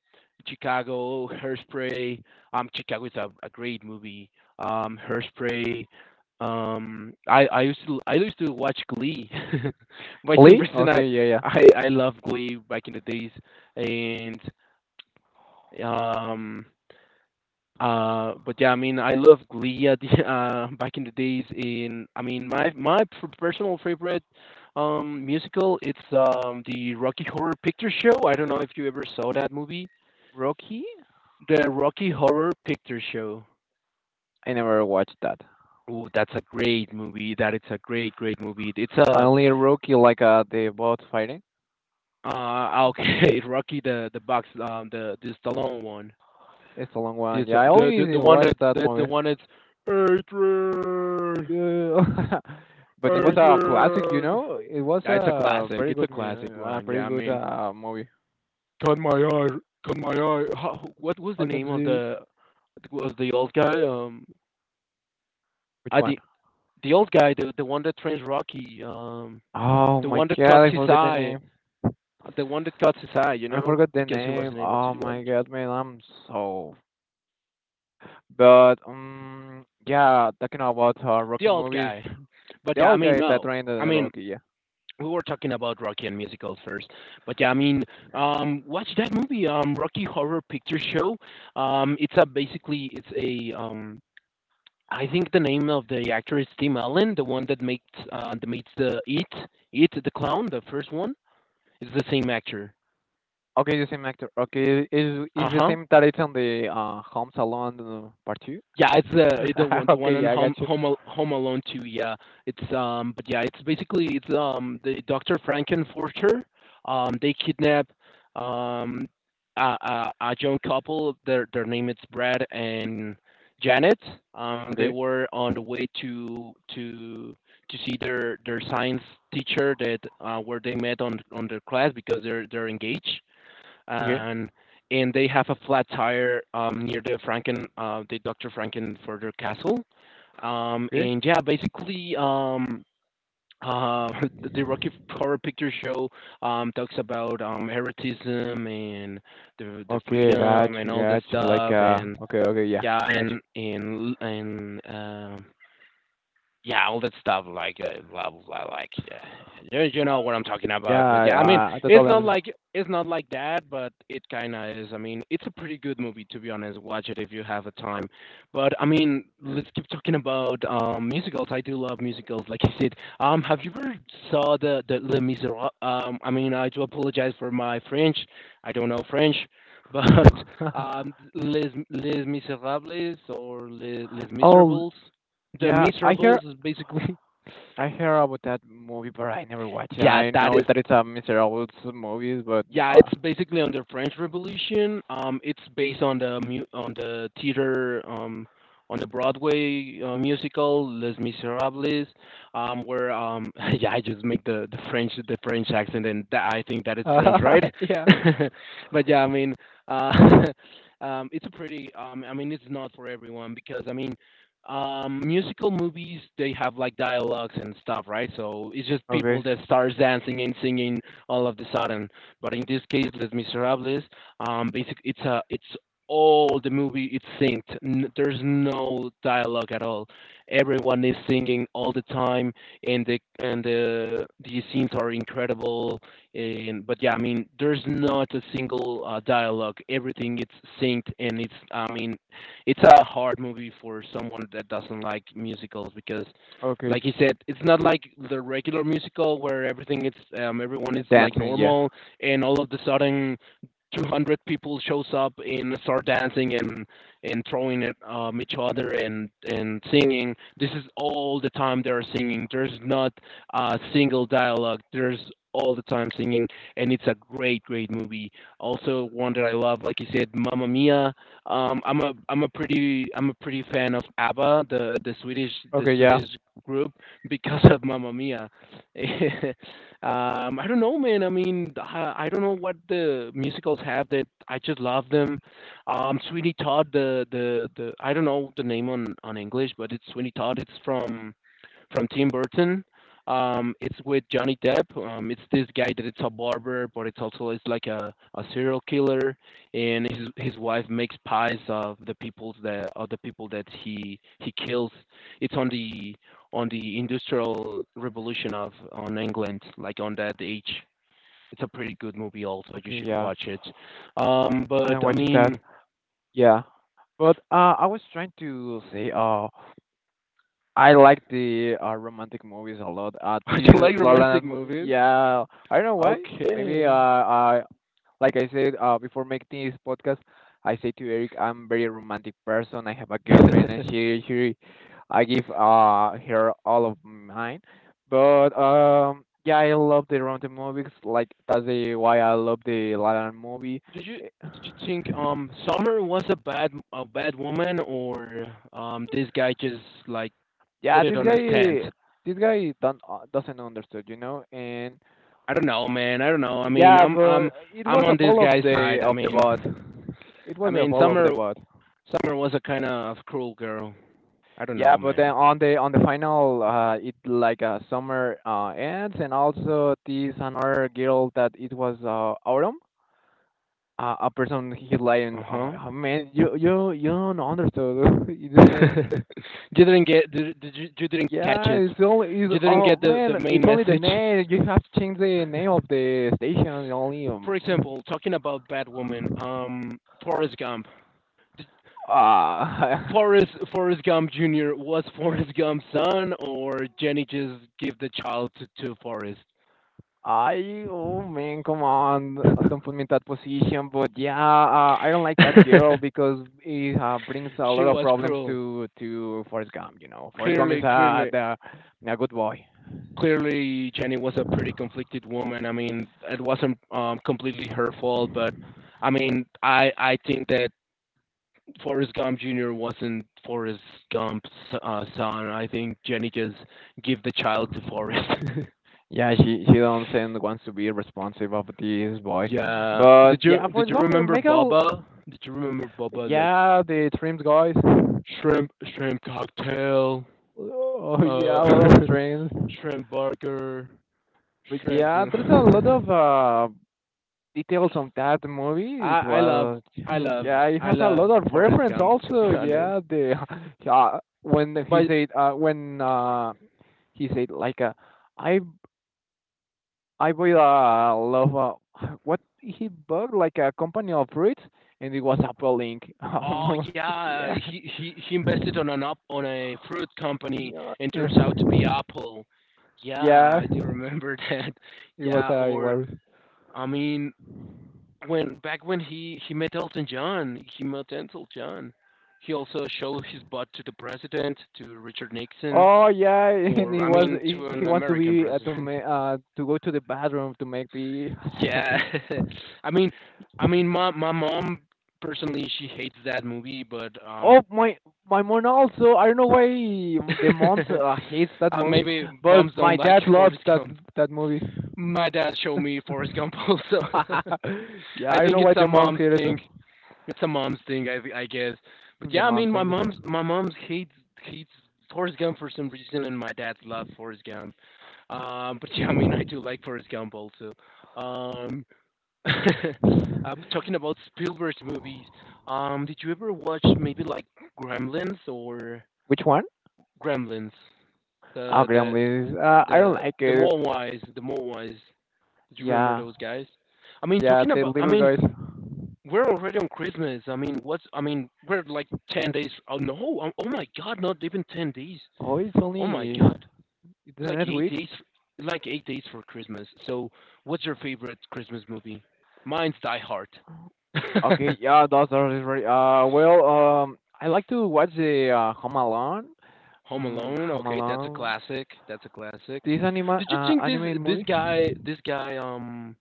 S2: Chicago, Hairspray. Chicago is a great movie. Hairspray. I used to watch Glee. For some
S1: Glee.
S2: reason, I
S1: Okay, yeah, yeah.
S2: I I love Glee back in the days, and um but yeah, I mean I love Glee at the, back in the days. In I mean my personal favorite musical it's the Rocky Horror Picture Show. I don't know if you ever saw that movie,
S1: Rocky.
S2: the Rocky Horror Picture Show.
S1: I never watched that.
S2: Ooh, that's a great movie. That it's a great great movie. It's
S1: I
S2: a
S1: only Rocky like the bots fighting.
S2: okay. Rocky the box, the Stallone one.
S1: It's a long one. Yeah, I only
S2: The one that
S1: watched that
S2: that's the
S1: movie.
S2: one that's Adrian,
S1: Yeah. But it was a classic, you
S2: Adrian.
S1: know. It was
S2: Yeah, it's a
S1: a
S2: classic.
S1: very
S2: It's a
S1: good,
S2: classic
S1: a
S2: one.
S1: very
S2: Yeah, I
S1: good
S2: mean,
S1: movie.
S2: cut my eye, cut my eye. What was the
S1: I can
S2: name of
S1: see
S2: the was the old guy?
S1: which
S2: I
S1: one.
S2: the old guy, the one that trains Rocky.
S1: Oh
S2: The
S1: my
S2: one that
S1: god,
S2: cuts
S1: I
S2: his
S1: forgot the
S2: eye,
S1: name.
S2: the one that cuts his eye. You
S1: I
S2: know,
S1: forgot the
S2: because he
S1: name.
S2: wasn't able to
S1: Oh
S2: do it.
S1: my god, man, I'm so. But yeah, talking about
S2: The
S1: Rocky
S2: old
S1: movies,
S2: guy. But
S1: the
S2: yeah, I
S1: old
S2: mean,
S1: guy that
S2: no.
S1: trained
S2: I
S1: in
S2: mean,
S1: Rocky, yeah.
S2: we were talking about Rocky and musicals first, but yeah, I mean, watch that movie, Rocky Horror Picture Show. It's a basically it's a I think the name of the actor is Tim Allen, the one that makes the It the clown, the first one. It's the same actor.
S1: Okay, the same actor. Okay,
S2: Uh
S1: is the
S2: huh.
S1: same that it's on the Home Salon Part Two?
S2: Yeah, it's the one the
S1: Okay,
S2: one on
S1: yeah, I got you.
S2: Home Alone Two. Yeah, it's but yeah, it's basically it's the Doctor Frankenfurter. They kidnap um a young couple. Their name is Brad and Janet. They
S1: Okay,
S2: were on the way to see their science teacher that where they met on their class because they're engaged
S1: okay,
S2: and they have a flat tire near the Dr. Franken further castle.
S1: okay,
S2: And yeah, basically, uh, the Rocky Horror Picture Show talks about eroticism and the
S1: okay, got
S2: freedom and
S1: you,
S2: all that
S1: got you. Like
S2: stuff,
S1: okay, okay, yeah, got you.
S2: and yeah, all that stuff, like blah blah, blah like yeah, you know what I'm talking
S1: Yeah,
S2: about. But yeah, I mean,
S1: I totally
S2: it's not like that, but it kind of is. I mean, it's a pretty good movie to be honest. Watch it if you have a time. But I mean, let's keep talking about musicals. I do love musicals, like I said. Have you ever saw the Les Miserables? I mean, I do apologize for my French. I don't know French, but
S1: understand.
S2: Les Miserables or Les
S1: Oh
S2: Miserables. The
S1: yeah,
S2: Miserables is basically
S1: I heard about that movie, but I never watched it.
S2: yeah,
S1: I
S2: that
S1: know
S2: is.
S1: that it's a miserable movie, but
S2: Yeah, it's basically on the French Revolution. It's based on on the theater on the Broadway musical Les Miserables, where yeah, I just make the French accent, and that, I think that it's French, right?
S1: yeah.
S2: But yeah, I mean, uh, it's a pretty. I mean, it's not for everyone because I mean, musical movies they have like dialogues and stuff, right? So it's just
S1: Okay,
S2: people that starts dancing and singing all of the sudden. But in this case, Les Miserables, basically, it's all the movie it's synced. There's no dialogue at all. Everyone is singing all the time, and the and the scenes are incredible. And but yeah, I mean, there's not a single dialogue. Everything it's synced, and it's I mean, it's a hard movie for someone that doesn't like musicals because
S1: okay,
S2: like you said, it's not like the regular musical where everything it's everyone is like
S1: dancing, yeah,
S2: normal and all of a sudden 200 people shows up and start dancing and throwing at each other and singing. This is all the time they're singing. There's not a single dialogue. There's all the time singing, and it's a great great movie. Also one that I love like you said, Mamma Mia. I'm a pretty I'm a pretty fan of ABBA, the Swedish the
S1: okay, yeah,
S2: Swedish group because of Mamma Mia. I don't know, man. I mean, I don't know what the musicals have that I just love them. Sweeney Todd, the I don't know the name on English, but it's Sweeney Todd. It's from Tim Burton. It's with Johnny Depp. It's this guy that it's a barber, but it's also it's like a serial killer, and his wife makes pies of the peoples that of the people that he kills. It's on the industrial revolution of on England, like on that age. It's a pretty good movie, also. You
S1: okay,
S2: should
S1: yeah.
S2: watch it.
S1: I
S2: But
S1: don't
S2: I
S1: watch it
S2: mean,
S1: that,
S2: do
S1: yeah. But I was trying to say, I like the romantic movies a lot. This
S2: you like
S1: La La
S2: romantic
S1: Land,
S2: movies?
S1: yeah, I don't know why. Maybe
S2: Okay.
S1: I like I said before making this podcast, I say to Eric, I'm very romantic person. I have a girlfriend, and she I give her all of mine. But yeah, I love the romantic movies. Like that's the why I love the La La Land movie.
S2: Did you
S1: Eh,
S2: did you think Summer was a bad woman or this guy just like
S1: Yeah,
S2: put it on a stand?
S1: this guy don't doesn't understand, you know. And
S2: I don't know, man. I don't know. I mean,
S1: yeah, but it
S2: I'm
S1: was a
S2: on this
S1: fall
S2: guy's side. I
S1: of the
S2: mean,
S1: bot. It
S2: I
S1: was a
S2: mean
S1: fall of the bot.
S2: Summer was a kind of cruel girl. I don't
S1: Yeah,
S2: know,
S1: but
S2: man.
S1: then on the final, it like summer ends, and also this another girl that it was autumn. A person he lying.
S2: Uh
S1: Oh,
S2: huh.
S1: oh, man, you don't understand. It's the same.
S2: You didn't get did you you didn't catch
S1: Yeah,
S2: it.
S1: it's only
S2: You
S1: it's
S2: didn't get
S1: oh
S2: the
S1: man,
S2: main
S1: it's only the
S2: message.
S1: name. You have to change the name of the station. Only
S2: For example, talking about bad woman, Forrest Gump.
S1: ah.
S2: Forrest Forrest Gump Jr. was Forrest Gump's son, or Jenny just gave the child to Forrest.
S1: I oh man, come on, don't put me in that position. But yeah, I don't like that girl because it brings a
S2: She
S1: lot of
S2: was
S1: problems
S2: cruel.
S1: to Forrest Gump. You know, Forrest Gump is
S2: Clearly,
S1: a
S2: clearly,
S1: the, a good boy.
S2: clearly, Jenny was a pretty conflicted woman. I mean, it wasn't completely her fault, but I mean, I think that Forrest Gump Jr. wasn't Forrest Gump's son. I think Jenny just gave the child to Forrest.
S1: Yeah, she don't send wants to be responsive of this boy,
S2: Yeah.
S1: but yeah,
S2: Did
S1: Forrest
S2: you
S1: Gump
S2: remember
S1: make a
S2: Baba? Did you remember Baba like
S1: yeah the trims guys.
S2: shrimp shrimp cocktail,
S1: Oh yeah, a lot of
S2: uh,
S1: trims.
S2: shrimp burger,
S1: But
S2: shrimps
S1: yeah, there's a lot
S2: and
S1: of details on that movie. It
S2: I love
S1: was,
S2: I love
S1: yeah, it
S2: I
S1: has a
S2: love
S1: lot of
S2: Forrest
S1: reference
S2: Gump to be
S1: also.
S2: honest.
S1: Yeah, the uh, when he
S2: But
S1: said uh, when uh, he said like I I will love what he bought like a company of fruits, and it was Apple Inc.
S2: oh yeah,
S1: Yeah,
S2: he invested on an up on a fruit company
S1: yeah,
S2: and turns out to be Apple. Yeah,
S1: yeah,
S2: I do remember that.
S1: it was
S2: Yeah, or
S1: hilarious.
S2: I mean when back when he met Elton John, he met Elton John. He also showed his butt to the president, to Richard Nixon,
S1: Oh yeah, and
S2: or
S1: he
S2: I
S1: was
S2: mean to
S1: he wants
S2: an
S1: to be
S2: American president.
S1: to go to the bathroom to make pee.
S2: Yeah, I mean, I mean, my mom personally she hates that movie, but
S1: Oh, my mom also. I don't know why the mom
S2: uh,
S1: hates that movie,
S2: maybe
S1: but
S2: moms
S1: my
S2: don't like
S1: dad loves
S2: Forrest Gump.
S1: that movie.
S2: My dad showed me Forrest Gump also.
S1: Yeah,
S2: I
S1: I don't know
S2: think
S1: why
S2: it's a
S1: the moms
S2: mom's
S1: hate it.
S2: thing. It's a mom's thing, I guess. But
S1: The
S2: yeah, I
S1: mom
S2: mean,
S1: thing.
S2: my mom's hates hates Forrest Gump for some reason, and my dad's love Forrest Gump. But yeah, I mean, I do like Forrest Gump also. Um, uh, but talking about Spielberg's movies, did you ever watch maybe like Gremlins or
S1: Which one?
S2: Gremlins?
S1: Oh,
S2: The
S1: Graham
S2: the
S1: Ladies. I don't
S2: the
S1: like
S2: the
S1: it.
S2: Mogwais, the Mogwais. Did you remember
S1: Yeah,
S2: those guys? I mean,
S1: yeah,
S2: talking
S1: the
S2: about, I
S1: little
S2: mean,
S1: guys.
S2: we're already on Christmas. I mean, we're like 10 days. Oh no. Oh my god, not even 10 days.
S1: Oh, it's
S2: Oh my
S1: only
S2: god.
S1: it's
S2: It's
S1: the
S2: like
S1: next
S2: 8
S1: week.
S2: days, like 8 days for Christmas. So, what's your favorite Christmas movie? Mine's Die Hard.
S1: Okay, yeah, that's already right. Well, I like to watch the Home Alone.
S2: Home
S1: Mm,
S2: Alone.
S1: Home
S2: Okay, that's a
S1: Alone.
S2: classic. That's a classic.
S1: This
S2: Did you think this
S1: animated
S2: this
S1: movie.
S2: guy this guy um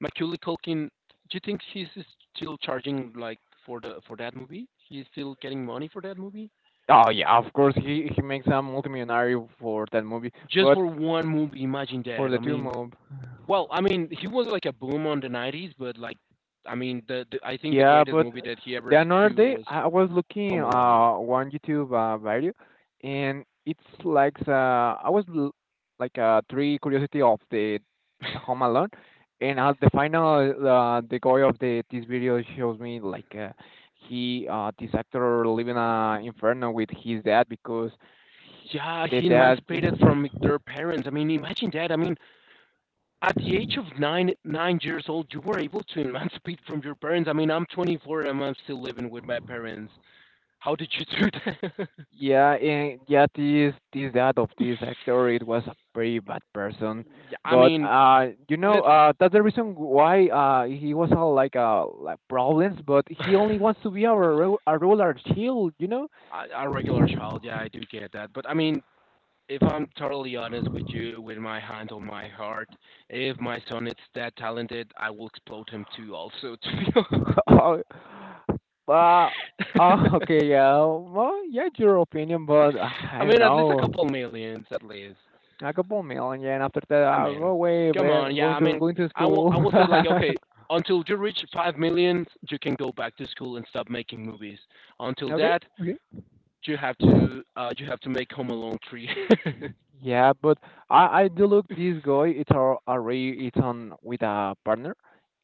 S2: Macaulay Culkin? Do you think he's still charging, like, for that movie? He's still getting money for that movie?
S1: Oh yeah, of course he makes a multimillionaire for that movie,
S2: Just
S1: but
S2: for one movie, imagine
S1: for
S2: that.
S1: the
S2: I
S1: two
S2: mean,
S1: mob.
S2: well, I mean, he was like a boom on the '90s, but like, I mean, the I think the
S1: Yeah,
S2: greatest
S1: but
S2: movie that he ever
S1: the another
S2: do
S1: day
S2: was
S1: I was looking
S2: Home Alone.
S1: one YouTube video, and it's like like three curiosity of the Home Alone, and at the final the guy of the this video shows me like he this actor living a inferno with his dad because he,
S2: Yeah,
S1: the
S2: he
S1: dad yeah.
S2: emancipated from their parents. I mean, imagine that. I mean, at the age of 9 years old, you were able to emancipate from your parents. I mean, I'm 24 and I'm still living with my parents. How did you do that?
S1: Yeah, and yeah, this dad of this actor, it was a pretty bad person,
S2: Yeah, I
S1: but
S2: mean,
S1: you know,
S2: let's.
S1: that's the reason why he was all like problems, but
S2: A
S1: he only wants to be a roller chill, you know.
S2: regular child, yeah, I do get that. But I mean, if I'm totally honest with you, with my hand on my heart, if my son is that talented, I will explode him too. Also, to be
S1: Uh,
S2: honest,
S1: okay, yeah, well, yeah, it's your opinion, but I
S2: I
S1: don't
S2: mean, at least a
S1: know.
S2: couple millions, at least.
S1: A couple million, yeah, and after that,
S2: I
S1: I'll go
S2: mean,
S1: away,
S2: come
S1: but
S2: on, yeah. I mean,
S1: going to school.
S2: I will say like, okay, until you reach 5 million, you can go back to school and stop making movies. Until
S1: Okay,
S2: that,
S1: okay.
S2: you have to make Home Alone three.
S1: Yeah, but I do look this guy. It's a array. It's on with a partner,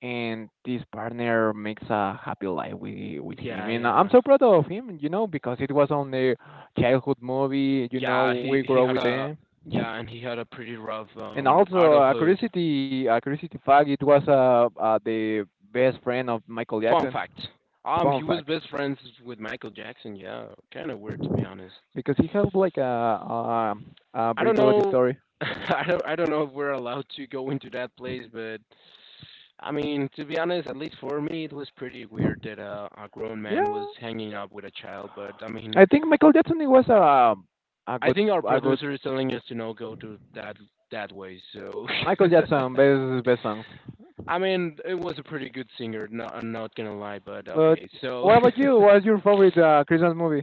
S1: and this partner makes a happy life with him.
S2: Yeah,
S1: And I'm
S2: yeah,
S1: so proud of him, you know, because it was on the childhood movie. You know,
S2: yeah.
S1: we
S2: He
S1: grow
S2: had
S1: with
S2: a
S1: them.
S2: Yeah, and he had a pretty rough
S1: And also
S2: adulthood.
S1: a curiosity fact. It was the best friend of Michael
S2: Fun
S1: Jackson.
S2: fact.
S1: Fun
S2: He was
S1: fact,
S2: best friends with Michael Jackson. Yeah, kind of weird to be honest.
S1: because he had like a
S2: I
S1: very
S2: don't
S1: good
S2: know.
S1: story.
S2: I don't know if we're allowed to go into that place, but I mean, to be honest, at least for me, it was pretty weird that a grown man was
S1: Yeah.
S2: hanging up with a child. But I mean,
S1: I think Michael Jackson it was a a
S2: I
S1: good
S2: think our
S1: a good
S2: producer is telling us to not go to that way. So,
S1: Michael Jackson best best songs.
S2: I mean, it was a pretty good singer. Not, I'm not gonna lie, but
S1: But
S2: okay. So.
S1: what about you? What's your favorite Christmas movie?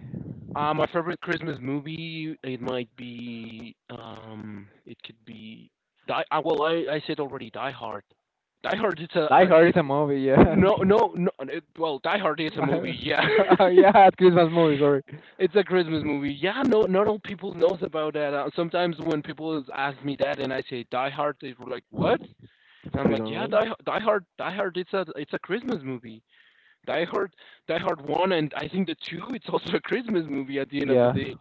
S2: My favorite Christmas movie, it might be, it could be Die. Well, I said already Die Hard. Die Hard It's a
S1: Die Hard is a movie, yeah.
S2: No, no, no. It, well, Die Hard is a movie. Yeah,
S1: Yeah, Christmas movie. Sorry,
S2: it's a Christmas movie. Yeah, no, not all people knows about that. Sometimes when people ask me that and I say Die Hard, they were like, "What?"
S1: it's a
S2: And I'm like,
S1: Christmas
S2: "Yeah,
S1: movie.
S2: Die Hard, Die Hard. It's a Christmas movie. Die Hard, Die Hard One, and I think the two. It's also a Christmas movie at the end of the
S1: Yeah.
S2: day."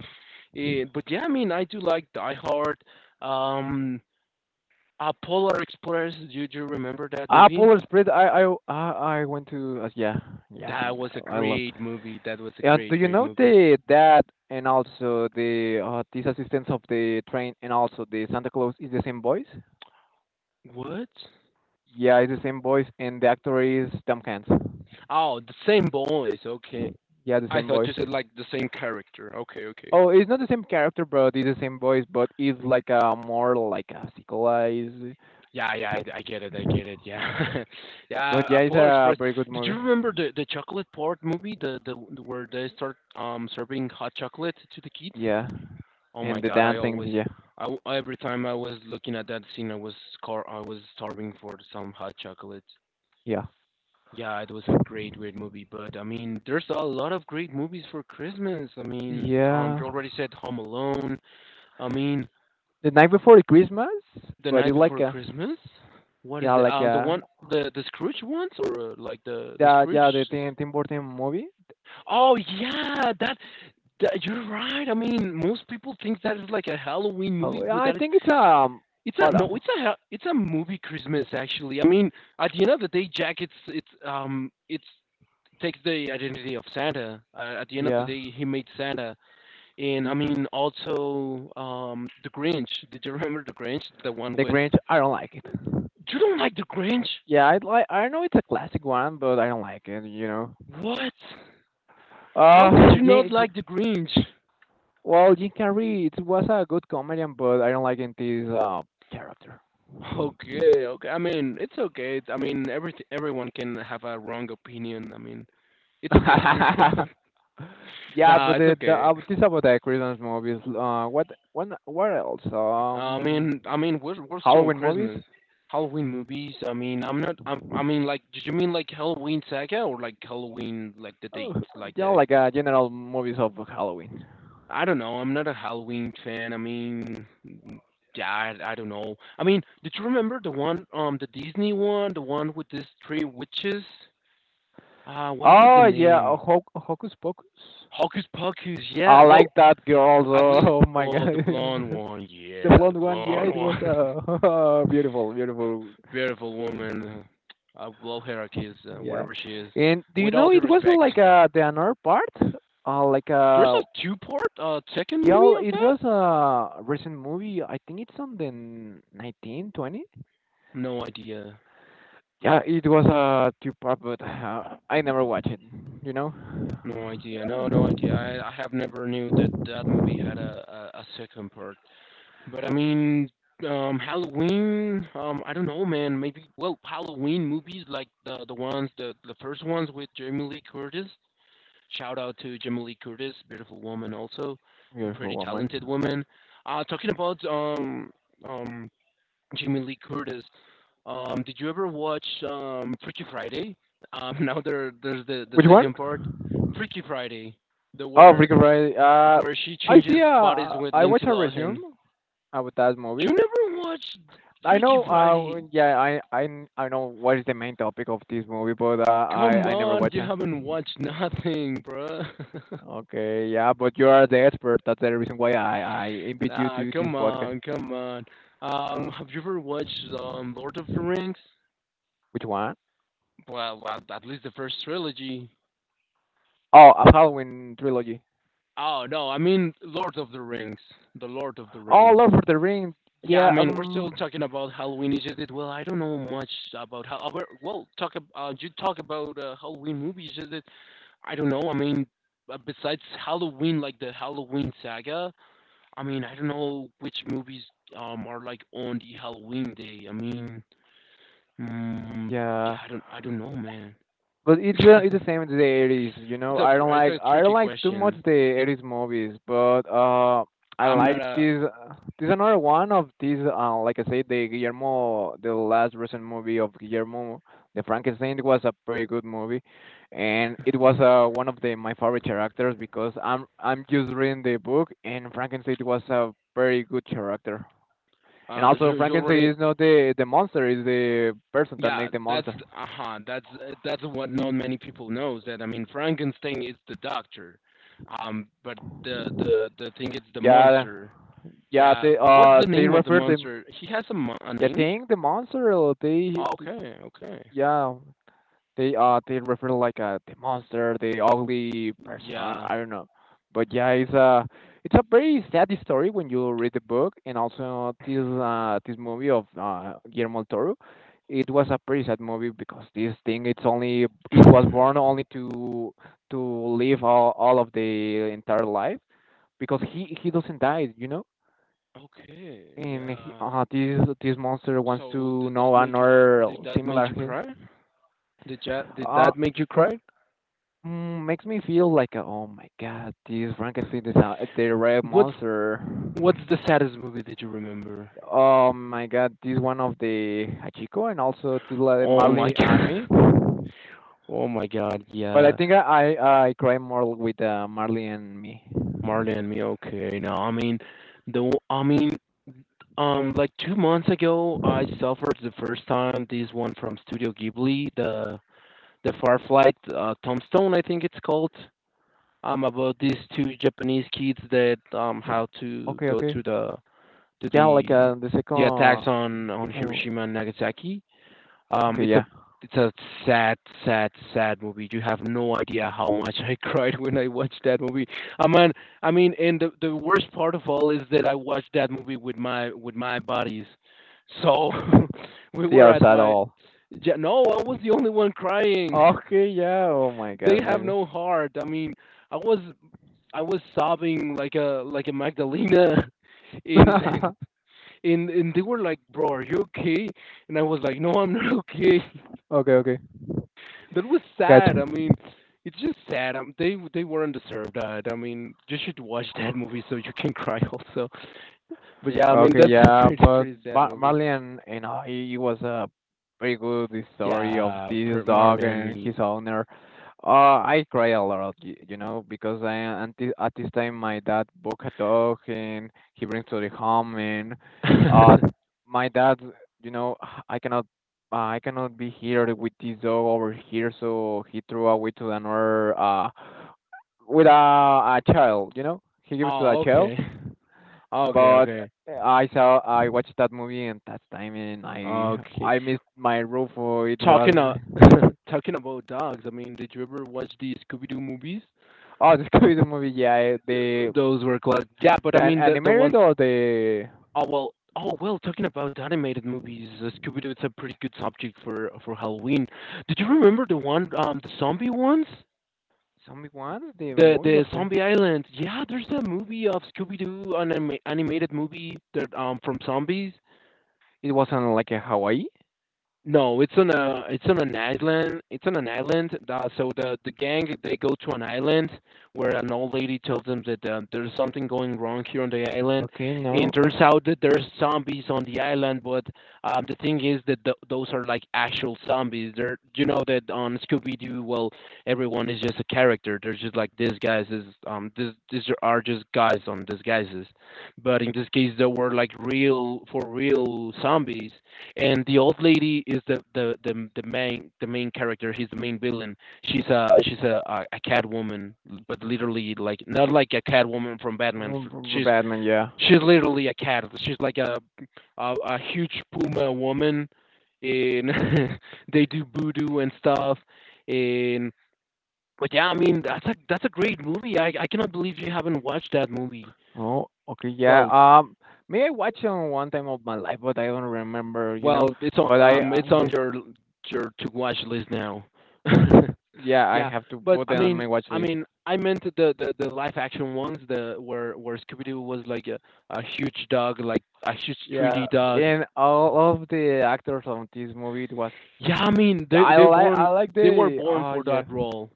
S2: Eh, but yeah, I mean, I do like Die Hard. Um, Polar Express. Do you remember that
S1: Ah,
S2: movie?
S1: Polar Express. I I went to yeah, yeah,
S2: That was a
S1: I love.
S2: great movie. That was a
S1: Yeah,
S2: great,
S1: do you
S2: great
S1: know
S2: movie.
S1: the that, and also the this assistance of the train and also the Santa Claus is the same voice?
S2: What?
S1: Yeah, it's the same voice, and the actor is Tom Hanks.
S2: Oh, the same voice. Okay.
S1: Yeah, the
S2: I
S1: same
S2: thought
S1: voice.
S2: you said like the same character. Okay, okay.
S1: Oh, it's not the same character, but it's the same voice, but it's like a more like a sequelized.
S2: Yeah, yeah, I get it. I get it. Yeah, yeah.
S1: But
S2: Uh,
S1: yeah, it's
S2: Polar
S1: a
S2: Express.
S1: very good
S2: Did
S1: movie.
S2: you remember the chocolate part movie? The Where they start serving hot chocolate to the kids?
S1: Yeah,
S2: Oh my
S1: and the
S2: God,
S1: dancing. Yeah,
S2: I w every time I was looking at that scene, I was starving for some hot chocolate.
S1: yeah,
S2: Yeah, it was a great, great movie. But I mean, there's a lot of great movies for Christmas. I mean,
S1: yeah.
S2: you already said Home Alone. I mean,
S1: The night before the Christmas,
S2: The
S1: but
S2: Night
S1: it's
S2: Before Christmas. What is
S1: like
S2: the
S1: a
S2: one the Scrooge ones, or like the
S1: yeah,
S2: Scrooge?
S1: yeah. The Tim Burton movie.
S2: Oh yeah, that you're right. I mean, most people think that is like a Halloween
S1: Oh,
S2: movie,
S1: yeah,
S2: but
S1: I
S2: that is
S1: think it's
S2: It's a
S1: what up?
S2: no, it's a movie Christmas actually. I mean, at the end of the day, Jack it's takes the identity of Santa. At the end of the
S1: Yeah,
S2: day, he made Santa, and I mean also the Grinch. Did you remember the Grinch? The one
S1: The
S2: with
S1: Grinch. I don't like it.
S2: you don't like the
S1: Oh,
S2: Grinch?
S1: yeah, I'd like. I know it's a classic one, but I don't like it. You know.
S2: What? How could you not
S1: Jim-
S2: like the Grinch?
S1: well, Jim Carrey it was a good comedian, but I don't like in this character.
S2: Okay, okay. I mean, it's okay. I mean, everyone can have a wrong opinion. I mean, it's okay to be wrong.
S1: Yeah,
S2: Nah,
S1: but
S2: it's
S1: the
S2: okay.
S1: this about the Christmas movies. What when what else?
S2: I mean, we're still on
S1: Halloween movies.
S2: Christmas. Halloween movies. I mean, I'm not. I'm, I mean, like, did you mean like Halloween Saga, or like Halloween, like the
S1: Oh,
S2: date, like
S1: yeah,
S2: the?
S1: like general movies of Halloween.
S2: I don't know. I'm not a Halloween fan. I mean, mm, yeah, I don't know. I mean, did you remember the one, the Disney one, the one with these three witches? What was the
S1: Oh yeah,
S2: name?
S1: Hocus Pocus.
S2: Hocus Pocus.
S1: I
S2: Yeah. Well,
S1: like that girl.
S2: at least,
S1: So, oh my god.
S2: oh, the blonde one.
S1: The
S2: Yeah, the
S1: blonde one. Yeah,
S2: blonde
S1: it was
S2: one.
S1: beautiful, beautiful.
S2: Beautiful woman of low hierarchies,
S1: Yeah.
S2: whatever she is.
S1: And do you
S2: With all
S1: know
S2: due
S1: it was
S2: respect,
S1: like the another part? Like
S2: there's a two-part second movie
S1: yeah,
S2: of
S1: it
S2: that.
S1: was a recent movie. I think it's on the 19, 20.
S2: No idea.
S1: Yeah, it was a two part, but I never watched it. You know.
S2: No idea. No, no idea. I have never knew that that movie had a second part. But I mean, Halloween. I don't know, man. Maybe well, Halloween movies like the ones the first ones with Jamie Lee Curtis. Shout out to Jamie Lee Curtis, beautiful woman, also
S1: Beautiful
S2: pretty
S1: woman.
S2: talented woman. Talking about um Jamie Lee Curtis, did you ever watch Freaky Friday? Now there's the
S1: Which one?
S2: second part, Freaky Friday, the
S1: Oh,
S2: where
S1: Freaky Friday.
S2: she
S1: I
S2: changes
S1: see.
S2: bodies with
S1: I watch
S2: Lindsay
S1: a resume
S2: Lohan.
S1: about that
S2: You
S1: movie.
S2: never watched
S1: I
S2: Freaky
S1: know.
S2: Friday?
S1: Yeah, I know what is the main topic of this movie, but
S2: Come
S1: I never
S2: on,
S1: watch
S2: you
S1: it.
S2: haven't watched nothing, bruh.
S1: Okay, yeah, but you are the expert. That's the reason why I invite you
S2: Ah,
S1: to this
S2: come
S1: podcast.
S2: on, come on. Have you ever watched Lord of the Rings?
S1: Which one?
S2: Well, at least the first trilogy.
S1: Oh, a Halloween trilogy.
S2: Oh no, I mean Lord of the Rings, the Lord of the
S1: Oh,
S2: Rings.
S1: Lord of the Rings.
S2: Yeah, I
S1: Yeah.
S2: mean we're still talking about Halloween. Is not it? Well, I don't know much about how. Well, you talk about Halloween movies. Is it? I don't know. I mean, besides Halloween, like the Halloween saga. I mean, I don't know which movies are like on the Halloween day. I mean. Mm, yeah,
S1: Yeah.
S2: I don't know, man.
S1: But
S2: it's
S1: it's the same as the 80s, you know.
S2: it's a
S1: I don't
S2: tricky
S1: like too much
S2: question.
S1: the 80s movies, but I
S2: I'm not
S1: like
S2: a,
S1: this another one of these like I said the Guillermo the last recent movie of Guillermo the Frankenstein was a pretty good movie, and it was one of the my favorite characters because I'm just reading the book, and Frankenstein was a very good character. And also
S2: you
S1: Frankenstein
S2: already,
S1: is not the monster, is the person that
S2: yeah,
S1: make the
S2: that's,
S1: monster.
S2: uh huh, that's what not many people knows that. I mean, Frankenstein is the doctor, but the thing is the
S1: Yeah,
S2: monster.
S1: yeah,
S2: Yeah, what's the
S1: they
S2: name of the
S1: refer
S2: monster? He has a
S1: the
S2: name.
S1: thing, the monster.
S2: Oh, okay, okay.
S1: Yeah, they refer like the monster, the ugly person.
S2: Yeah.
S1: I don't know, but yeah, it's a very sad story when you read the book, and also this this movie of Guillermo del Toro. It was a pretty sad movie, because this thing it's only it was born only to live all of the entire life, because he doesn't die, you know,
S2: Okay,
S1: and he,
S2: yeah.
S1: this monster wants
S2: So
S1: to
S2: did that
S1: know
S2: make you
S1: another
S2: did that make
S1: similar
S2: you
S1: hit.
S2: cry? Did
S1: Uh,
S2: that make you cry?
S1: makes me feel like oh my god, this Frankenstein is the red
S2: What's
S1: monster.
S2: what's the saddest movie that you remember?
S1: Oh my god, this one of the Hachiko and also Tila de
S2: Oh my
S1: Marley and
S2: god.
S1: me.
S2: Oh my god,
S1: But I
S2: yeah.
S1: think I cry more with Marley and me.
S2: Marley and me, okay. Now I mean like 2 months ago I suffered the first time this one from Studio Ghibli, the Firefly Tombstone I think it's called. Um, about these two Japanese kids that how to
S1: Okay,
S2: go
S1: okay.
S2: to
S1: Yeah, like the second.
S2: the attacks on
S1: Oh,
S2: Hiroshima and Nagasaki.
S1: okay,
S2: It's a
S1: yeah.
S2: it's a sad, sad, sad movie. You have no idea how much I cried when I watched that movie. I mean, I mean, and the worst part of all is that I watched that movie with my buddies. So we
S1: They
S2: were
S1: are
S2: at
S1: sad
S2: my
S1: all.
S2: ja- no, I was the only one crying.
S1: Okay, yeah. Oh my
S2: They
S1: god,
S2: have
S1: maybe.
S2: no heart. I mean, I was I was sobbing like a Magdalena. And, and they were like, "Bro, are you okay?" And I was like, "No, I'm not okay."
S1: Okay, okay.
S2: That was sad.
S1: Gotcha.
S2: I mean, it's just sad. They were not deserved that. I mean, you should watch that movie so you can cry also. But yeah, I mean
S1: Okay,
S2: that's a
S1: yeah,
S2: pretty
S1: but
S2: pretty sad movie.
S1: Marley and you know he, was a very good story of
S2: Yeah,
S1: this
S2: per
S1: dog
S2: Marley and
S1: and his
S2: me.
S1: owner. Uh, I cry a lot, you know, because I at at this time my dad bought a dog and he brings to the home. And uh my dad, you know, I cannot I cannot be here with this dog over here, so he threw away to another with a child, you know, he gave it to a
S2: Oh,
S1: child.
S2: okay. Okay,
S1: But
S2: okay.
S1: I watched that movie and that time, and I
S2: Okay.
S1: I missed my role for it was...
S2: Talking, talking about dogs. I mean, did you ever watch the Scooby Doo movies?
S1: oh, the Scooby Doo movie, yeah. The
S2: Those were classic. Yeah, but I mean the
S1: animated
S2: ones.
S1: or the...
S2: Oh, well, talking about animated movies, Scooby-Doo is a pretty good subject for Halloween. Did you remember the one, the zombie ones?
S1: zombie one, the movies of
S2: The
S1: the...
S2: Zombie Island. Yeah, there's a movie of Scooby-Doo, an animated movie that from zombies.
S1: it was on, like, a Hawaii.
S2: No, it's on a it's on an island. It's on an island. So the gang they go to an island where an old lady tells them that there's something going wrong here on the island,
S1: Okay,
S2: and
S1: no.
S2: turns out that there's zombies on the island. But the thing is that those are like actual zombies. They're, you know that on Scooby Doo, well, everyone is just a character. They're just like these guys is this these are just guys on disguises, but in this case there were like real for real zombies, and the old lady is the main character. She's the main villain. She's a cat woman, but literally like, not like a cat woman from Batman.
S1: Oh,
S2: she's
S1: Batman, yeah.
S2: she's literally a cat. She's like a huge puma woman and they do voodoo and stuff, and but yeah, I mean, that's a great movie. I cannot believe you haven't watched that movie.
S1: Oh, okay, yeah.
S2: well
S1: May I watch on one time of my life, but I don't remember, you know.
S2: well it's on
S1: But I,
S2: um it's on
S1: yeah.
S2: your to watch list now.
S1: Yeah, I
S2: Yeah,
S1: have to
S2: but
S1: put
S2: I
S1: it on
S2: mean,
S1: my watch
S2: I
S1: list.
S2: mean, I meant the live action ones, the where Scooby Doo was like a huge dog, like a huge
S1: Yeah,
S2: 3D dog.
S1: and all of the actors on this movie, it was...
S2: Yeah, I mean,
S1: yeah,
S2: they they born
S1: I like
S2: they were
S1: the...
S2: born
S1: oh,
S2: for
S1: yeah,
S2: that role.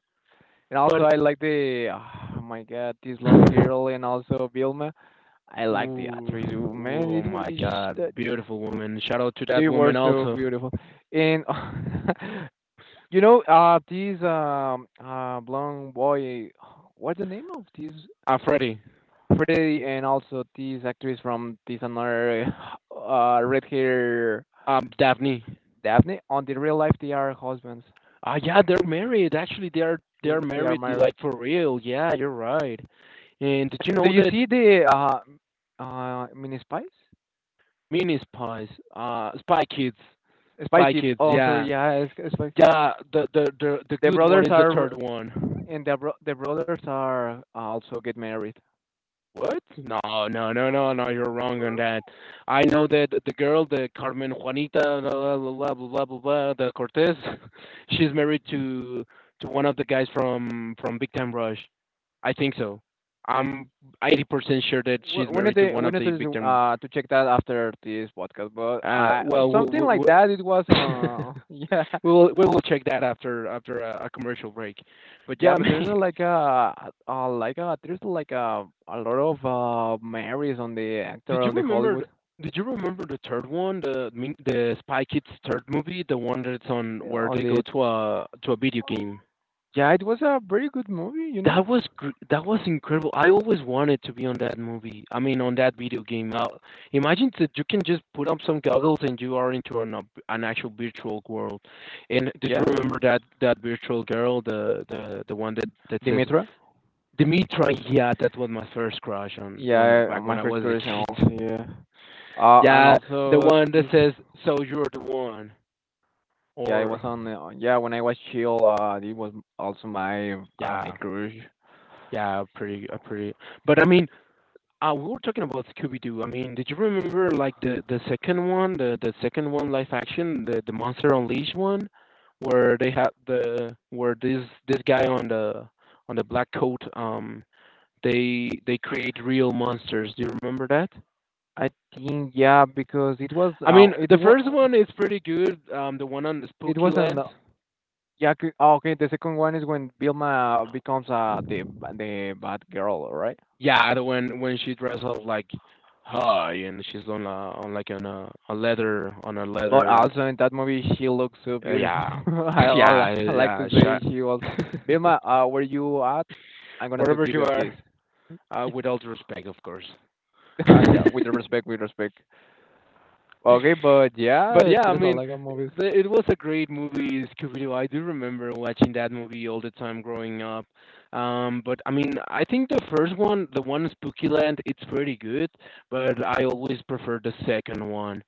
S1: and also
S2: But
S1: I like the... oh my god, this blonde girl, and also Vilma. I like the
S2: ooh,
S1: actress. Oh, man,
S2: oh
S1: it was...
S2: my God, beautiful woman! Shout out to that
S1: they were
S2: woman
S1: so
S2: also.
S1: beautiful, and you know, this blonde boy, what's the name of this...
S2: Freddie.
S1: Freddy, and also this actress from this another, red hair...
S2: Daphne.
S1: Daphne. On the real life, they are husbands.
S2: Ah, yeah, they're married. Actually, they're
S1: They
S2: they're
S1: they are
S2: married
S1: married.
S2: like for real. Yeah, you're right. And did you
S1: Do
S2: know
S1: you
S2: that
S1: see the mini spies?
S2: Mini Spies, Spy Kids.
S1: Spy
S2: Spy
S1: Kids.
S2: Kids.
S1: Oh, I'm
S2: Yeah,
S1: sorry. Yeah, it's Spy.
S2: yeah. The
S1: The
S2: good one
S1: brothers
S2: is the third
S1: are...
S2: one.
S1: and the brothers are, also get married.
S2: What? No, no, no, no, no. You're wrong on that. I know that the girl, the Carmen Juanita, blah blah blah blah blah, blah, blah the Cortez. She's married to one of the guys from Big Time Rush. I think so. I'm 80% sure that
S1: We
S2: she's
S1: we need
S2: married to
S1: to
S2: one
S1: we
S2: of
S1: need
S2: the Big
S1: to
S2: Time.
S1: to check that after this podcast. But
S2: Uh,
S1: I...
S2: well, w-
S1: something
S2: w-
S1: like that. It was
S2: w-
S1: yeah.
S2: we will check that after a commercial break. But
S1: Yeah.
S2: yeah, I
S1: But there's a,
S2: mean,
S1: like a, like a... there's like a lot of marries on the
S2: did
S1: actor
S2: you
S1: on the
S2: remember?
S1: Hollywood,
S2: Did you remember the third one, the Spy Kids third movie, the one that's on where
S1: on
S2: they go
S1: the...
S2: to a video game?
S1: yeah, it was a very good movie, you know?
S2: That was incredible. I always wanted to be on that movie. I mean, on that video game. Imagine that you can just put on some goggles and you are into an actual virtual world. And did you
S1: Yeah,
S2: remember that virtual girl, the one that says
S1: Dimitra.
S2: Dimitri, yeah, that was my first crush on when
S1: Yeah,
S2: back
S1: my
S2: when I
S1: first
S2: was a
S1: crush, and
S2: kid.
S1: also, yeah. And
S2: Yeah, the
S1: also
S2: one that
S1: this...
S2: says "So you're the one,"
S1: yeah, it
S2: or
S1: was on, yeah, when I was chill. It was also my, my
S2: yeah,
S1: crush.
S2: yeah, pretty, pretty. But I mean, we were talking about Scooby Doo. I mean, did you remember like the second one, the second one live action, the Monster Unleashed one, where they had the where this guy on the black coat, they create real monsters. Do you remember that?
S1: I think, yeah, because it was
S2: I
S1: uh
S2: mean,
S1: it
S2: the
S1: was
S2: first one is pretty good. The one on the
S1: it
S2: Spooky
S1: was an
S2: Land.
S1: yeah, oh, okay, the second one is when Vilma becomes the bad girl, right?
S2: Yeah, the one when she dresses up like high and she's on a leather on a
S1: But
S2: leather.
S1: also in that movie, she looks so beautiful.
S2: Yeah,
S1: I, I li-
S2: yeah,
S1: I like to
S2: yeah.
S1: say
S2: Shut.
S1: she was, Vilma, where you at? I'm gonna to
S2: Wherever
S1: give
S2: you
S1: you a kiss.
S2: are, with all due respect, of course.
S1: Yeah, with respect, with respect. Okay, but
S2: But
S1: yeah,
S2: yeah, I
S1: there's a
S2: mean,
S1: lot of movies.
S2: it was a great movie, Scooby Doo. I do remember watching that movie all the time growing up. But I mean, I think the first one, the one Spooky Land, it's pretty good. But I always prefer the second one.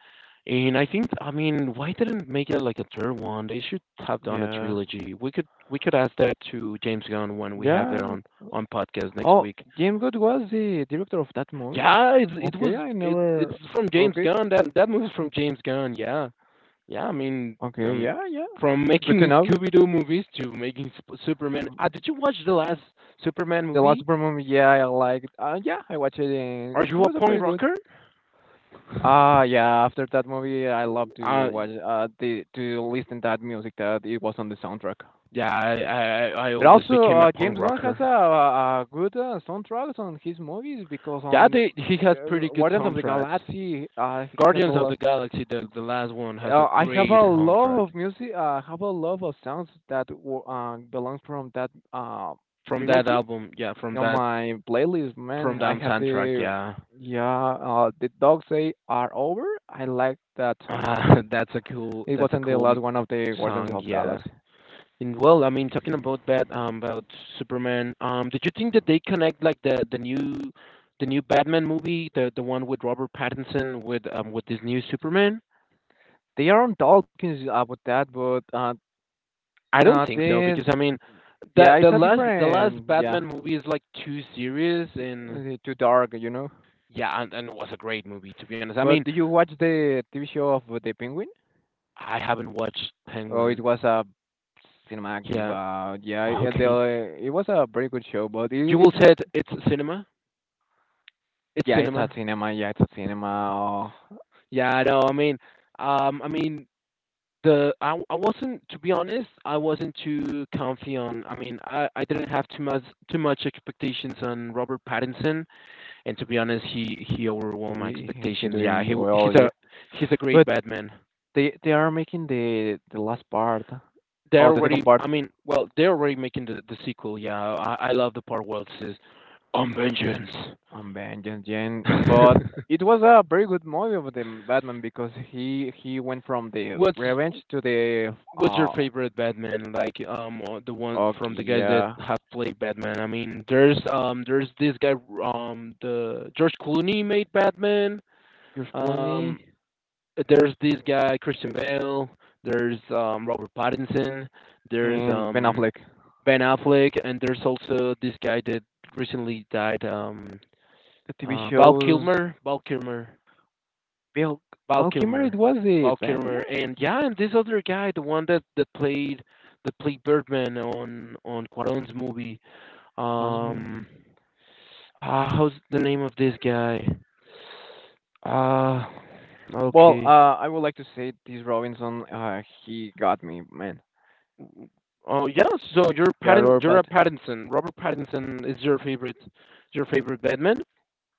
S2: And I think, I mean, why didn't make it like a third one? They should have done a
S1: Yeah,
S2: trilogy. We could ask that to James Gunn when we have that
S1: yeah.
S2: on podcast next
S1: Oh,
S2: week.
S1: Jim Good was the director of that movie.
S2: Yeah, it was
S1: Okay, I
S2: it it's
S1: never.
S2: from James
S1: Okay,
S2: Gunn. That movie's from James Gunn. Yeah. Yeah, I mean,
S1: okay,
S2: um,
S1: yeah, yeah.
S2: from
S1: Good to
S2: making
S1: know.
S2: Scooby-Doo movies to making Superman.
S1: Mm.
S2: Did you watch the last Superman
S1: The last
S2: movie?
S1: Super movie, yeah, I liked. Yeah, I watched it, and
S2: Are
S1: it
S2: you a
S1: was a pretty
S2: punk
S1: good.
S2: rocker?
S1: Ah, yeah. After that movie, I love to
S2: Uh,
S1: watch, the to listen that music that it was on the soundtrack.
S2: yeah, I
S1: But
S2: always
S1: also,
S2: became a punk
S1: James Gunn has
S2: rocker.
S1: a, a good, soundtracks on his movies because
S2: Yeah,
S1: on.
S2: he has pretty good
S1: Guardians of the
S2: soundtracks.
S1: Galaxy, he has a
S2: Guardians of the
S1: lot.
S2: Galaxy, the last one, has a
S1: I have
S2: great
S1: a love
S2: soundtrack.
S1: of music. I, have a love of sounds that belong from that
S2: From that
S1: trilogy
S2: album, yeah, from
S1: on
S2: that
S1: my playlist.
S2: from
S1: Man, I
S2: down
S1: have
S2: soundtrack,
S1: the...
S2: yeah.
S1: yeah. The dogs say are over. I like that song.
S2: That's a cool
S1: It
S2: that's a
S1: wasn't the
S2: cool m-
S1: last one of the Guardians
S2: song,
S1: of
S2: yeah.
S1: Galaxy.
S2: And well, I mean, talking about that, about Superman, did you think that they connect like the new Batman movie, the one with Robert Pattinson with with this new Superman?
S1: They are on talking about that, but,
S2: I don't think so
S1: then,
S2: because I mean,
S1: yeah,
S2: the
S1: it's
S2: the
S1: a
S2: last the last
S1: different, yeah.
S2: Batman movie is like too serious,
S1: t-
S2: and
S1: Too dark, you know.
S2: yeah, and it was a great movie, to be honest. I mean,
S1: But do you watch the TV show of the Penguin?
S2: I haven't watched
S1: Oh, it
S2: Penguin.
S1: was a cinema active.
S2: Yeah,
S1: Yeah,
S2: okay.
S1: it was a very good show, but
S2: You
S1: it,
S2: will
S1: it
S2: said it's cinema. It's
S1: yeah, it's a
S2: cinema.
S1: cinema. Yeah, it's a cinema. Oh,
S2: Yeah, I know. I mean, I mean, I wasn't, to be honest, I wasn't too comfy on, I mean, I didn't have too much expectations on Robert Pattinson, and to be honest, he overwhelmed my
S1: he
S2: expectations. Yeah,
S1: doing
S2: he w-
S1: well.
S2: he's a
S1: Yeah,
S2: he's a great
S1: but
S2: Batman.
S1: they are making the last part.
S2: They're
S1: Oh, the second
S2: already,
S1: part...
S2: I mean, well, they're already making the sequel. Yeah, I love the part where it says, "On vengeance."
S1: Vengeance, Jen, but it was a very good movie of Batman because he went from the
S2: What's
S1: revenge to the
S2: What's your
S1: uh
S2: favorite Batman? Like the one from
S1: okay,
S2: the guys that
S1: yeah.
S2: have played Batman. I mean, there's this guy, the George Clooney made Batman.
S1: George
S2: Um
S1: Clooney
S2: there's this guy Christian Bale, there's Robert Pattinson, there's
S1: and Ben Affleck.
S2: Ben Affleck, and there's also this guy that recently died,
S1: The TV
S2: Val
S1: shows...
S2: Kilmer, Val Kilmer.
S1: Bill
S2: Val
S1: Bill Kimmer, it
S2: Kilmer.
S1: was the
S2: Val
S1: Batman.
S2: Kilmer, and yeah, and this other guy, the one that played Birdman on Cuarón's movie.
S1: Was more.
S2: Um, ah, how's the name of this guy? Uh
S1: Well,
S2: okay.
S1: I would like to say this Robinson, he got me, man.
S2: Oh yeah, so
S1: Yeah,
S2: You're a
S1: Robert.
S2: Pattinson. Robert Pattinson is your favorite Batman.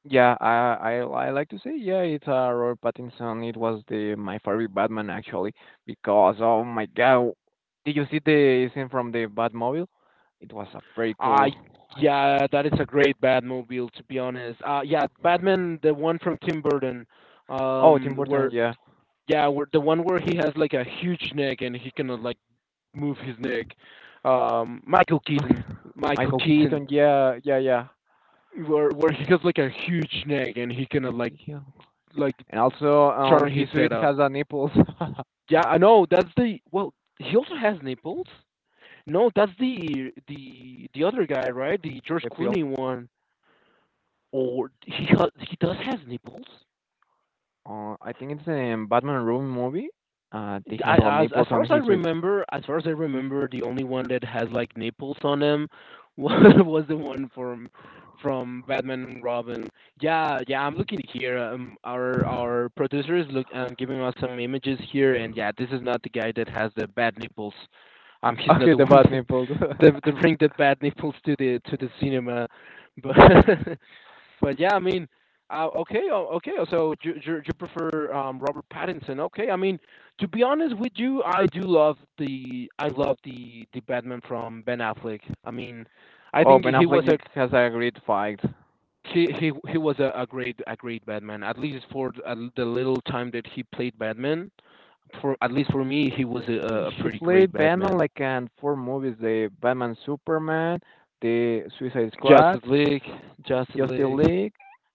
S1: Yeah, I like to say, yeah, it's, Robert Pattinson. It was the my favorite Batman, actually, because oh my god, did you see the scene from the Batmobile? It was a pretty
S2: Uh
S1: cool.
S2: yeah, that is a great Batmobile, to be honest. Yeah, Batman, the one from Tim Burton,
S1: Oh, Tim Burton,
S2: where
S1: yeah.
S2: yeah, where the one where he has like a huge neck and he cannot like move his neck. Michael
S1: Okay.
S2: Keaton, Michael
S1: Michael
S2: Keaton,
S1: Keaton, yeah, yeah, yeah.
S2: where he has like a huge neck and he cannot like
S1: Yeah.
S2: like
S1: And also,
S2: turn his
S1: his suit
S2: head up.
S1: has a nipples.
S2: Yeah, I know that's the well. He also has nipples. No, that's the other guy, right? The George
S1: The pill.
S2: Clooney one. Or he does has nipples.
S1: I think it's in Batman Room movie. They have
S2: I,
S1: all
S2: as
S1: nipples
S2: far
S1: on
S2: as I
S1: his suit.
S2: remember, as far as I remember, the only one that has like nipples on him was was the one from Batman and Robin. Yeah, yeah, I'm looking here. Our producer is look giving us some images here, and yeah, this is not the guy that has the bad nipples. He's not
S1: Okay,
S2: the
S1: the
S2: one
S1: bad
S2: that
S1: nipples.
S2: that, that bring the bad nipples to the cinema, but But yeah, I mean, okay, oh, okay. So you prefer Robert Pattinson? Okay. I mean, to be honest with you, I do love the I love the Batman from Ben Affleck. I mean, I
S1: Oh,
S2: think
S1: Ben
S2: he was a
S1: Affleck has a great fight.
S2: he he, he was a great a great Batman. At least for the little time that he played Batman, for at least for me, he was a
S1: He
S2: pretty great
S1: played Batman
S2: Batman.
S1: like in four movies: the Batman Superman, the Suicide Squad,
S2: Justice League, Justice
S1: Justice
S2: League,
S1: League,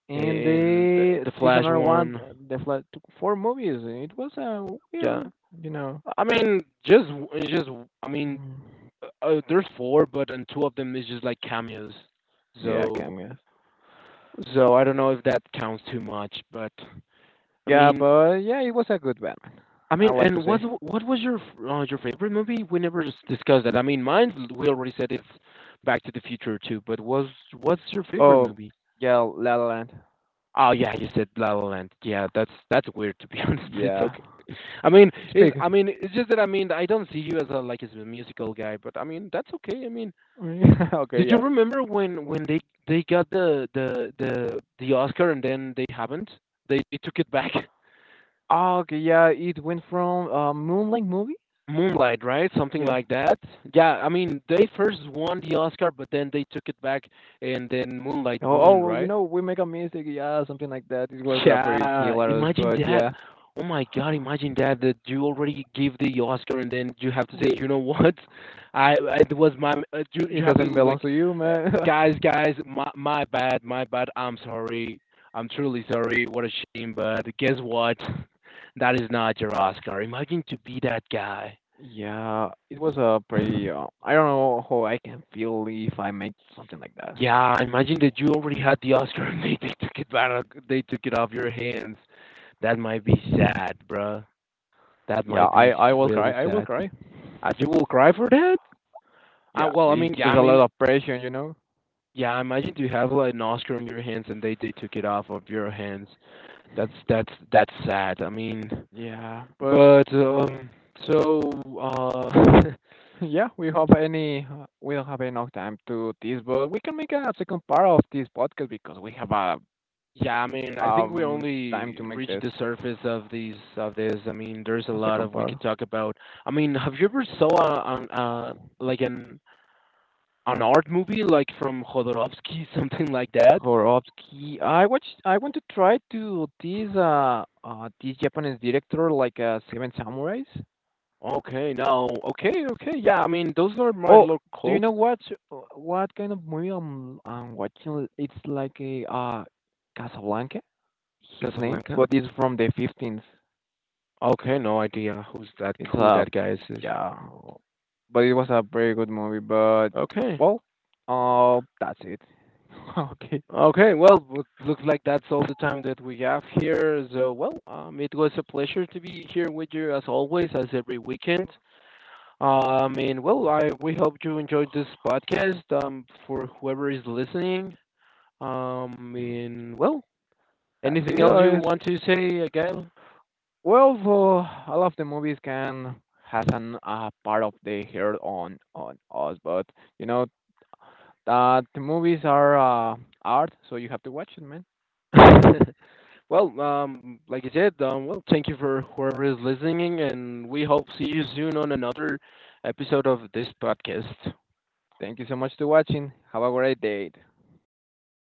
S1: and
S2: and the
S1: the
S2: the
S1: this
S2: Flash
S1: another one.
S2: one.
S1: The Flash. Took four movies. It was a
S2: Yeah.
S1: weird, you know.
S2: I mean, just it's just I mean,
S1: Mm.
S2: there's four, but and two of them is just like cameos.
S1: Yeah,
S2: So
S1: cameos.
S2: so I don't know if that counts too much, but I
S1: Yeah,
S2: mean,
S1: but yeah, it was a good Batman.
S2: I
S1: I
S2: mean,
S1: like to
S2: and what
S1: say.
S2: what was your f- uh, your favorite movie? We never discussed that. I mean, mine we already said it's Back to the Future too, but was what's your favorite
S1: Oh,
S2: movie?
S1: yeah, La La Land.
S2: Oh yeah, you said La La Land. Yeah, that's weird to be, honest, but it's
S1: Yeah,
S2: okay. I mean,
S1: it's
S2: is
S1: big.
S2: I mean, it's just that I mean, I don't see you as a like as a musical guy, but I mean, that's okay. I mean,
S1: Okay,
S2: did you
S1: yeah.
S2: remember when they got the Oscar and then they haven't? They took it back.
S1: Oh, okay, yeah. It went from, Moonlight movie.
S2: Moonlight, right? Something
S1: Yeah.
S2: like that. Yeah, I mean they first won the Oscar, but then they took it back, and then Moonlight
S1: Oh, oh,
S2: won,
S1: well, you
S2: right?
S1: know, we make a mistake, yeah, something like that. It was, pretty
S2: Yeah,
S1: hilarious,
S2: imagine
S1: but
S2: that.
S1: yeah.
S2: Oh my God, imagine that you already give the Oscar and then you have to say, you know what? It was my, you
S1: It
S2: you have to
S1: doesn't belong
S2: like,
S1: to you,
S2: uh,
S1: man.
S2: guys, guys, my bad, my bad. I'm sorry. I'm truly sorry. What a shame, but guess what? That is not your Oscar. Imagine to be that guy.
S1: Yeah, it was a pretty. I don't know how I can feel if I make something like that.
S2: Yeah, imagine that you already had the Oscar and they took it back. They took it off your hands. That might be sad, bruh. That
S1: Yeah,
S2: might
S1: I
S2: be
S1: I will cry.
S2: really
S1: I will
S2: sad.
S1: cry.
S2: You will cry for that?
S1: Yeah,
S2: Well, I
S1: it's...
S2: mean, yeah, I
S1: there's a lot
S2: mean,
S1: of pressure, you know.
S2: yeah. Imagine you have like an Oscar on your hands and they took it off of your hands. That's sad. I mean,
S1: Yeah, but
S2: but so uh,
S1: yeah, we have any. We don't have enough time to this, but we can make a second part of this podcast because we have a
S2: yeah. I mean, I think we
S1: um time to
S2: only
S1: make
S2: reached
S1: this
S2: the surface of these of this. I mean, there's a
S1: a
S2: lot
S1: second
S2: of we
S1: part.
S2: could talk about. I mean, have you ever saw a, an like an art movie like from Jodorowsky, something like that?
S1: Korovsky. I watch. I want to try to this, this Japanese director, like, Seven Samurais.
S2: Okay, now, okay, okay, yeah, I mean, those are my
S1: Oh,
S2: local
S1: do you
S2: cult,
S1: know what kind of movie I'm watching? It's like a Casablanca. Its name,
S2: Casablanca.
S1: but it's from the 15th.
S2: Okay, no idea who's that,
S1: It's
S2: who
S1: a...
S2: that guy is.
S1: yeah, but it was a very good movie. But,
S2: Okay,
S1: well, that's it. Okay,
S2: okay, well, looks like that's all the time that we have here. So, well, it was a pleasure to be here with you as always, as every weekend. And well, I we hope you enjoyed this podcast. For whoever is listening, and well,
S1: that's
S2: anything
S1: it.
S2: else you
S1: Or is...
S2: want to say, Gail?
S1: well, for all of the movies can has an, part of the hair on us, but you know that the movies are, art, so you have to watch it, man.
S2: Well, like I said, well, thank you for whoever is listening, and we hope see you soon on another episode of this podcast.
S1: Thank you so much for watching. Have a great day.